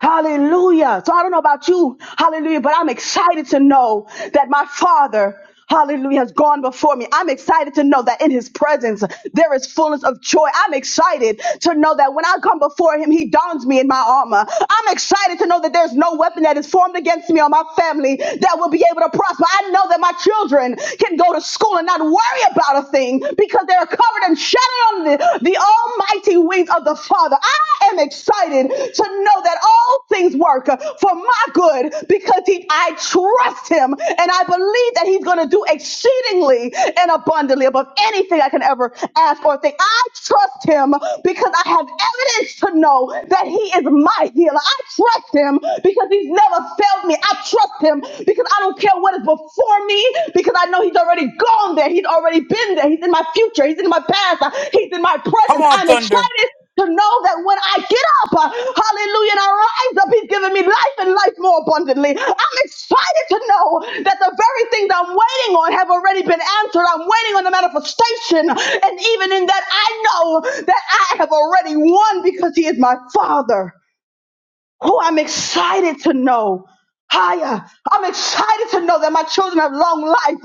Hallelujah. So I don't know about you, hallelujah, but I'm excited to know that my Father, hallelujah, has gone before me. I'm excited to know that in His presence there is fullness of joy. I'm excited to know that when I come before Him, He dons me in my armor. I'm excited to know that there's no weapon that is formed against me or my family that will be able to prosper. I know that my children can go to school and not worry about a thing because they're covered in shadow of the, the almighty wings of the Father. I am excited to know that all things work uh, for my good because he, I trust him and I believe that he's going to do exceedingly and abundantly above anything I can ever ask or think. I trust him because I have evidence to know that he is my healer. I trust him because he's never failed me. I trust him because I don't care what God is before me because I know He's already gone there. He's already been there. He's in my future. He's in my past. Uh, He's in my Come presence. on, I'm Thunder. excited to know that when I get up, uh, hallelujah, and I rise up, He's giving me life and life more abundantly. I'm excited to know that the very things I'm waiting on have already been answered. I'm waiting on the manifestation. And even in that, I know that I have already won because He is my Father. Who I'm excited to know. Higher. I'm excited to know that my children have long life.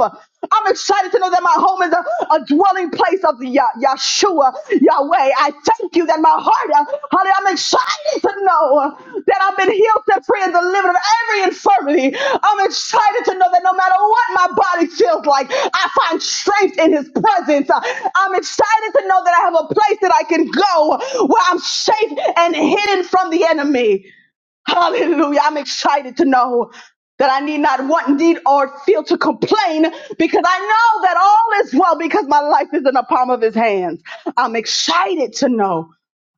I'm excited to know that my home is a, a dwelling place of the Ya- Yahshua, Yahweh. I thank you that my heart, uh, honey, I'm excited to know uh, that I've been healed, set free, and delivered of every infirmity. I'm excited to know that no matter what my body feels like, I find strength in His presence. Uh, I'm excited to know that I have a place that I can go where I'm safe and hidden from the enemy. Hallelujah. I'm excited to know that I need not want, need, or feel to complain because I know that all is well because my life is in the palm of his hands. I'm excited to know.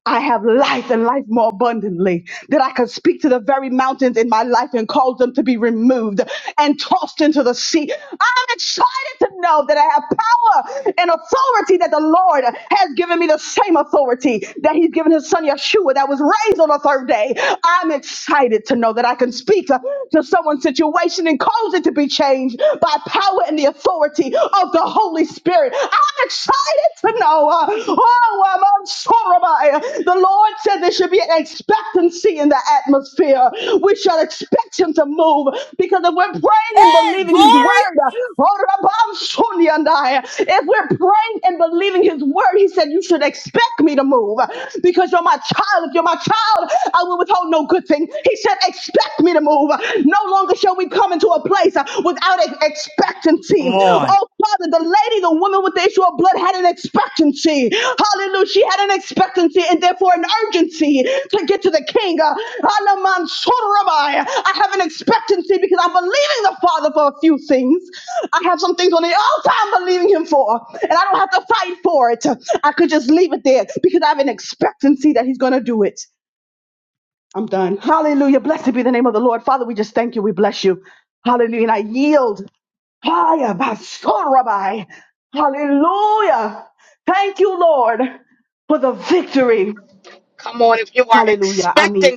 I have life and life more abundantly, that I could speak to the very mountains in my life and cause them to be removed and tossed into the sea. I'm excited to know that I have power and authority that the Lord has given me the same authority that He's given His Son Yeshua that was raised on the third day. I'm excited to know that I can speak to, to someone's situation and cause it to be changed by power and the authority of the Holy Spirit. Spirit. I'm excited to know. uh, oh, I'm unsorrowed. The Lord said there should be an expectancy in the atmosphere. We shall expect Him to move because if we're praying and Hey, believing His glory. word, uh, oh, Rabban Sunni and I, if we're praying and believing His word, He said, You should expect me to move because you're my child. If you're my child, I will withhold no good thing. He said, Expect me to move. No longer shall when we come into a place uh, without ex- expectancy. Oh, Father, the lady, the woman with the issue of blood had an expectancy. Hallelujah. She had an expectancy and therefore an urgency to get to the king. Uh, Alaman Sotorabai. I have an expectancy because I'm believing the Father for a few things. I have some things on the altar I'm believing Him for, and I don't have to fight for it. I could just leave it there because I have an expectancy that He's going to do it. I'm done. Hallelujah. Blessed be the name of the Lord. Father, we just thank you. We bless you. Hallelujah. And I yield. Hiya, basorabai. Hallelujah. Thank you, Lord, for the victory. Hallelujah. I mean,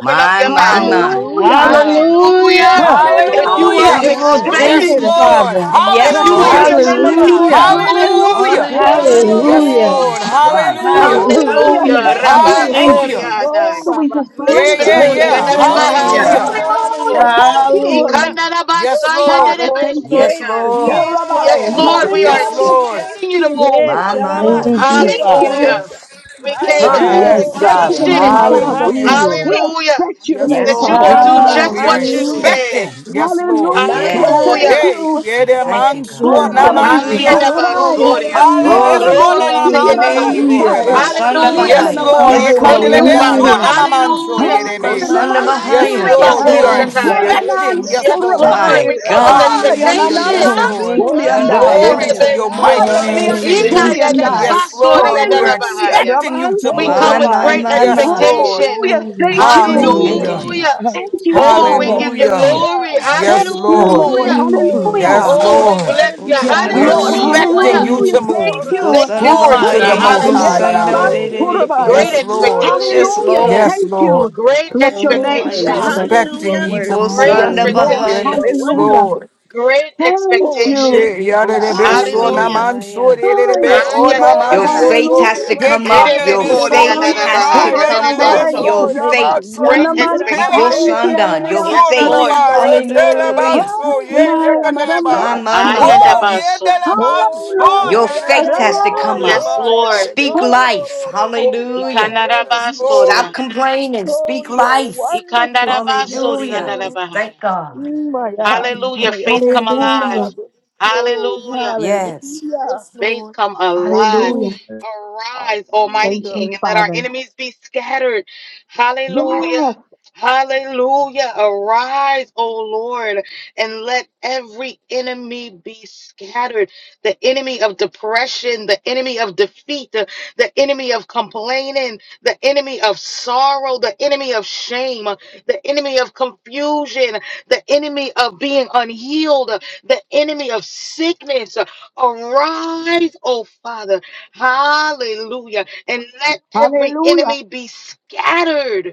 My, my, my. hallelujah. Hallelujah. Hallelujah. Oh, Rabbi. Hallelujah. I'm Hallelujah. Hallelujah. Oh, thank Yes, excited. Hallelujah. you, Lord. Father. Yes, Blessed be My Lord. Hallelujah. the name of the mind. Hallelujah. Lord. Hallelujah. Hallelujah. Hallelujah. Oh, Thank you Hallelujah. are Yes, you. worthy. Yes, Hallelujah. Lord. yes. My God. Hallelujah. Hallelujah. Hallelujah. Hallelujah. Thank Oh, Hallelujah. you. Thank you, thank Hallelujah. you. Hi. Oh, So Jesus. we Rabbi. just Yeah, bless See him. yeah, you. Nenebekori, Thank yeah. you. Yes. andarabahaya, Oh, Hallelujah. Abba. Hallelujah. Hallelujah. Hallelujah. nenebeso. Hallelujah. Thank you. Rabbi. Hallelujah. Yes, Ikandarabasaya, Lord. Father, Oh, thank you. Yes, nenebesoria. amazing. Yeah. Lord. Oh, Rabbi, Yes, Oh, Lord, we Yes. hallelujah. are Yes, hallelujah. Lord. Hallelujah. Thank expecting you to you. move. Yes, My, my, Sharaba my. Thank you, Yes. Thank Siro Father. you. Hallelujah. Ramaya. Yes. We came Thank with you. Maya, We Coming. Yes, oh, Yes. you expect are you Father. to move, expectation. wonderful. Hallelujah. Father. Hallelujah. Hallelujah. We Hallelujah. Hallelujah. expect you to Yes, Bless move, Yes, That your you Lord. will Father. My name, Lord. do mind. God. just We are what you Hallelujah. Hallelujah. Hallelujah. said. expecting. Yes, Lord. My Hallelujah. Yes. Oh, Hallelujah. Thank mind. Hey, Rabasi. you. yeah, We the thank Maya, you, man God. so Oh, I am on glory. Haya Hallelujah. da namandios. Rabbi. basoria. Hallelujah. Maya, Glory. Hanaman Hallelujah, Glory to Siki your namandios, oh, name. Hallelujah. Go Rabantai. Rabbi. Hallelujah. Hallelujah. Sanda Yes, Hallelujah. Bahaya. Hallelujah. Viananaman Lord. Ye Yes, Thank Sodi candele you, Lord. and I. Father. beso Hallelujah. namamanso, Hallelujah. ye You go My rebe. Sanda Ananaman mind. Yes, Bahaya. Yes, Lord. surabai. We are Hallelujah. Lord. Ayananabakoshataya. Yes, Ananan expecting. Yes, Sam. Yes, Lord. Lord, surabai. My we Oh, come Rabba. with God. Hallelujah. Hallelujah. expectation. Yes, Oh, Lord. thank you, Sanda Oh, yeah, Glory to yeah, Bahaya. your yeah. Ayandebeso. mighty name, Hallelujah. Yes, Lord. you Savior. call Thank Ooh, you, that. Father. Yes, Jesus. Lord. We are Hallelujah. Ikayananabasoriyananabahaya. expecting Raman you to Oh, We you My, move. are come with my, great my, wonderful. Yes, my. Lord. Yahweh. expectation. Hallelujah. Thank you. Thank you, Hallelujah. Hallelujah. Hallelujah. Jesus. Thank you, Oh, we Oh, Father. give you wonderful, Hallelujah. Hallelujah. glory. yeah. Thank Yes, you, Lord. Lord. Hallelujah. Oh, Ooh. Hallelujah. Yes, Hallelujah. Oh, hallelujah. we Lord. You bless go you. Worthy, Yes, yeah. Sanda We're Lord. Bahaya. expecting Hallelujah. Hallelujah. you Hallelujah. to Hallelujah. Thank Oh, move. You go you. Rabba. Thank Sanda you, Glory to Father. Bahaya. the You Hallelujah. Most go Surabai. High Hallelujah. Hallelujah. Sanda. Ananaman Yahweh. Oh, wonderful. surabai. Great Yes, Rabba. Lord. expectation. Yes, Hallelujah. Lord. Hallelujah. Yes, Thank Lord. you. Great Bless your Oh, name, my expectation. Father. Yahweh. Hallelujah. You Expecting are Hallelujah. you to Ibo worthy. Great Yes, Hallelujah. Sanda move. Lord. You expectation. Bahaya. are Yes, Hallelujah. Lord. wonderful. Great Thank Oh, you. amazing. expectation. Hey, yada de Yeah. be so Hallelujah. na Hallelujah. Hallelujah. man so Yebosandabahaya. de de Ah, de yes, be Ah, o Oh, na yeah, Lord. man Your di yeah, o yandarabaha. re- faith so has to yeah, Hallelujah. he come kan up. le Messiah, Your be ro- Erebekori so faith Yeraman ne le has yandarabaha. ba to ye de come de be so up. Yandarebeso. much surabahaya. Your so na man amazing, faith. so yeah. Great Here Nanaman am I, hey ye sayi de expectation. so de de that de am Yikosandan. be I, Your kereleyan yeah. so Yes, na na Lord. faith. ba yo suryaday. te So la did it, man Hallelujah. so yeah, ye yeah, ye Hananay yeah, kan le ba My, anaraman Messiah. my, Ah, ho my. surabay. ye de yandabaso. la man Oh, so yeah, yeah, Your ye Hallelujah. de yeah, de faith be yeah, has to so yeah. come Rabay. le up. Yes, ba Yeah, yeah, ye de Lord. de be Speak Ah, Messiah, yo ro- life. ro- ro- oh yeah, Hallelujah. yeah, yes re- yeah. Lord Stop Ikanarabasoria. complaining. So Speak you are life. wonderful, Ikandarabasori yes Yahweh. Hallelujah. We Lord yandarabahaya. Thank God. Mm, My God, Hallelujah. yeah, yes. Faith come thank you alive. Hallelujah. Father Oh, Hallelujah. Yes. hallelujah. yes faith Lord come alive. Oh, Hallelujah. Arise, Almighty Thank hallelujah you, King, and let our Father. enemies be scattered. Hallelujah. Yes. Hallelujah. Arise, O Lord, and let every enemy be scattered. The enemy of depression, the enemy of defeat, the, the enemy of complaining, the enemy of sorrow, the enemy of shame, the enemy of confusion, the enemy of being unhealed, the enemy of sickness. Arise, oh Father. Hallelujah. And let every Hallelujah, enemy be scattered.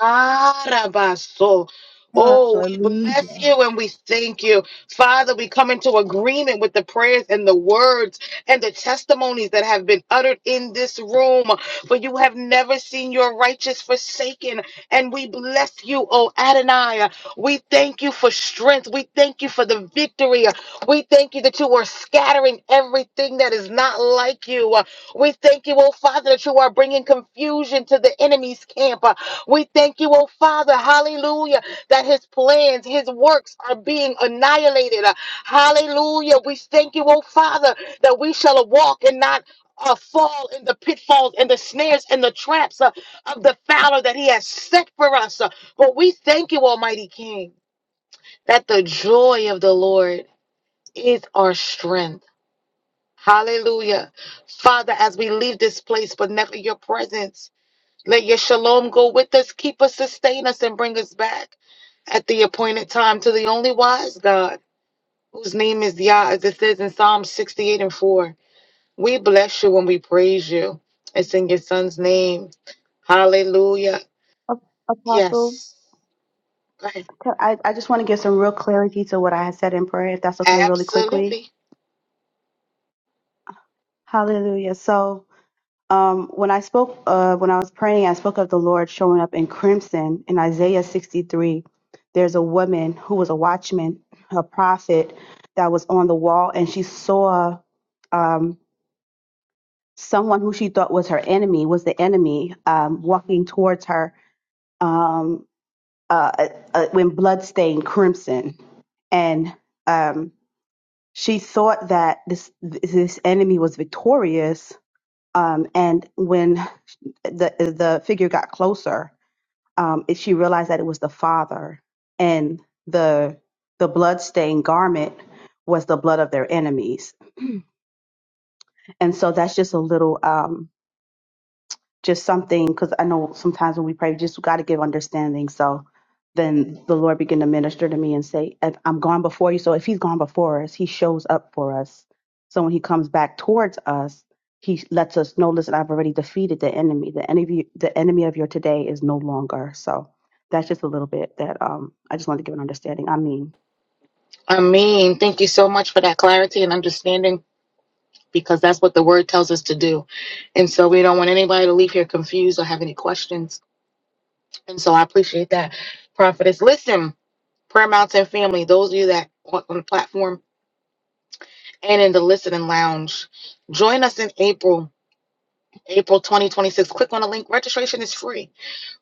Arabaso. Oh, we hallelujah. bless you and we thank you. Father, we come into agreement with the prayers and the words and the testimonies that have been uttered in this room. For you have never seen your righteous forsaken. And we bless you, oh Adonai. We thank you for strength. We thank you for the victory. We thank you that you are scattering everything that is not like you. We thank you, oh Father, that you are bringing confusion to the enemy's camp. Uh, We thank you, oh Father, hallelujah, that his plans, his works are being annihilated. Uh, Hallelujah. We thank you, oh Father, that we shall walk and not. Uh, fall in the pitfalls and the snares and the traps uh, of the fowler that he has set for us. Uh, but we thank you, Almighty King, that the joy of the Lord is our strength. Hallelujah. Father, as we leave this place, but never your presence, let your shalom go with us, keep us, sustain us, and bring us back at the appointed time to the only wise God, whose name is Yah, as it says in Psalm 68 and 4. We bless you and we praise you. It's in your son's name. Hallelujah. Apostle. Yes. Go ahead. I, I just want to give some real clarity to what I had said in prayer, if that's okay, really quickly. Absolutely. Hallelujah. So, um, when I spoke, uh, when I was praying, I spoke of the Lord showing up in crimson in Isaiah 63. There's a woman who was a watchman, a prophet that was on the wall, and she saw um, someone who she thought was her enemy, was the enemy, um, walking towards her um, uh, uh, uh, when blood stained crimson. And um, she thought that this this enemy was victorious. Um, and when the the figure got closer, um, it, she realized that it was the father, and the the blood stained garment was the blood of their enemies. And so that's just a little. um, just something because I know sometimes when we pray, we just got to give understanding. So then the Lord began to minister to me and say, "If "I'm gone before you." So if He's gone before us, He shows up for us. So when He comes back towards us, He lets us know, "Listen, I've already defeated the enemy. The enemy, the enemy of your today is no longer." So that's just a little bit that um, I just wanted to give an understanding. I mean. I mean, thank you so much for that clarity and understanding because that's what the word tells us to do. And so we don't want anybody to leave here confused or have any questions. And so I appreciate that, Prophetess. Listen, Prayer Mountain family, those of you that on on the platform and in the listening lounge, join us in April, April 2026. Click on the link. Registration is free.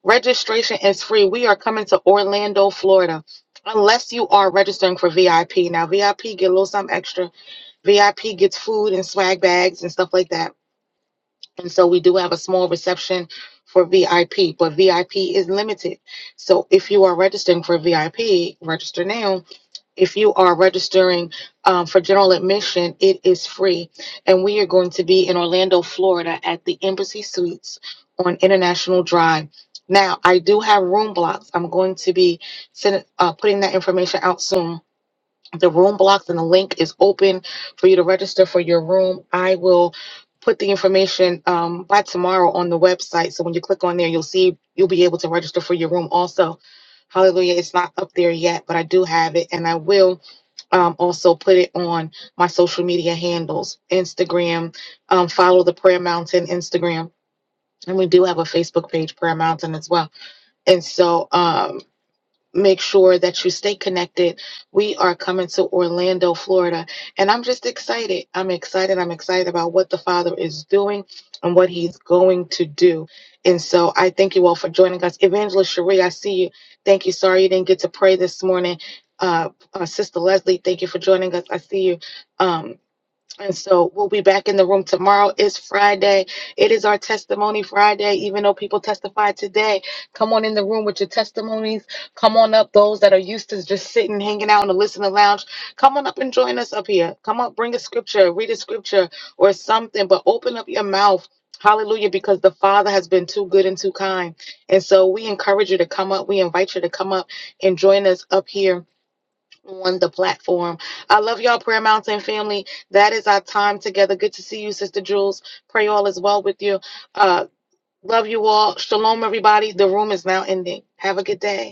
Registration is free. We are coming to Orlando, Florida. Unless you are registering for VIP. Now, VIP get a little something extra. VIP gets food and swag bags and stuff like that And so we do have a small reception for VIP, but VIP is limited. So if you are registering for VIP, register now. If you are registering um, for general admission, it is free. And we are going to be in Orlando, Florida at the Embassy Suites on International Drive. Now, I do have room blocks. I'm going to be send, uh, putting that information out soon the room blocks and the link is open for you to register for your room. I will put the information um, by tomorrow on the website. So when you click on there, you'll see you'll be able to register for your room also. Hallelujah. It's not up there yet, but I do have it and I will um, also put it on my social media handles Instagram, um, follow the Prayer Mountain Instagram. And we do have a Facebook page, Prayer Mountain, as well. And so, um, make sure that you stay connected. We are coming to Orlando, Florida, and I'm just excited. I'm excited. I'm excited about what the Father is doing and what He's going to do. And so I thank you all for joining us. Evangelist Cherie, I see you. Thank you. Sorry you didn't get to pray this morning. Uh, uh, Sister Leslie, thank you for joining us. I see you. Um, and so we'll be back in the room tomorrow. It's Friday. It is our testimony Friday, even though people testify today. Come on in the room with your testimonies. Come on up, those that are used to just sitting, hanging out in the listener lounge. Come on up and join us up here. Come up, bring a scripture, read a scripture or something, but open up your mouth. Hallelujah, because the Father has been too good and too kind. And so we encourage you to come up. We invite you to come up and join us up here on the platform. I love y'all, Prayer Mountain family. That is our time together. Good to see you, Sister Jules. Pray all is well with you. Uh, love you all. Shalom, everybody. The room is now ending. Have a good day.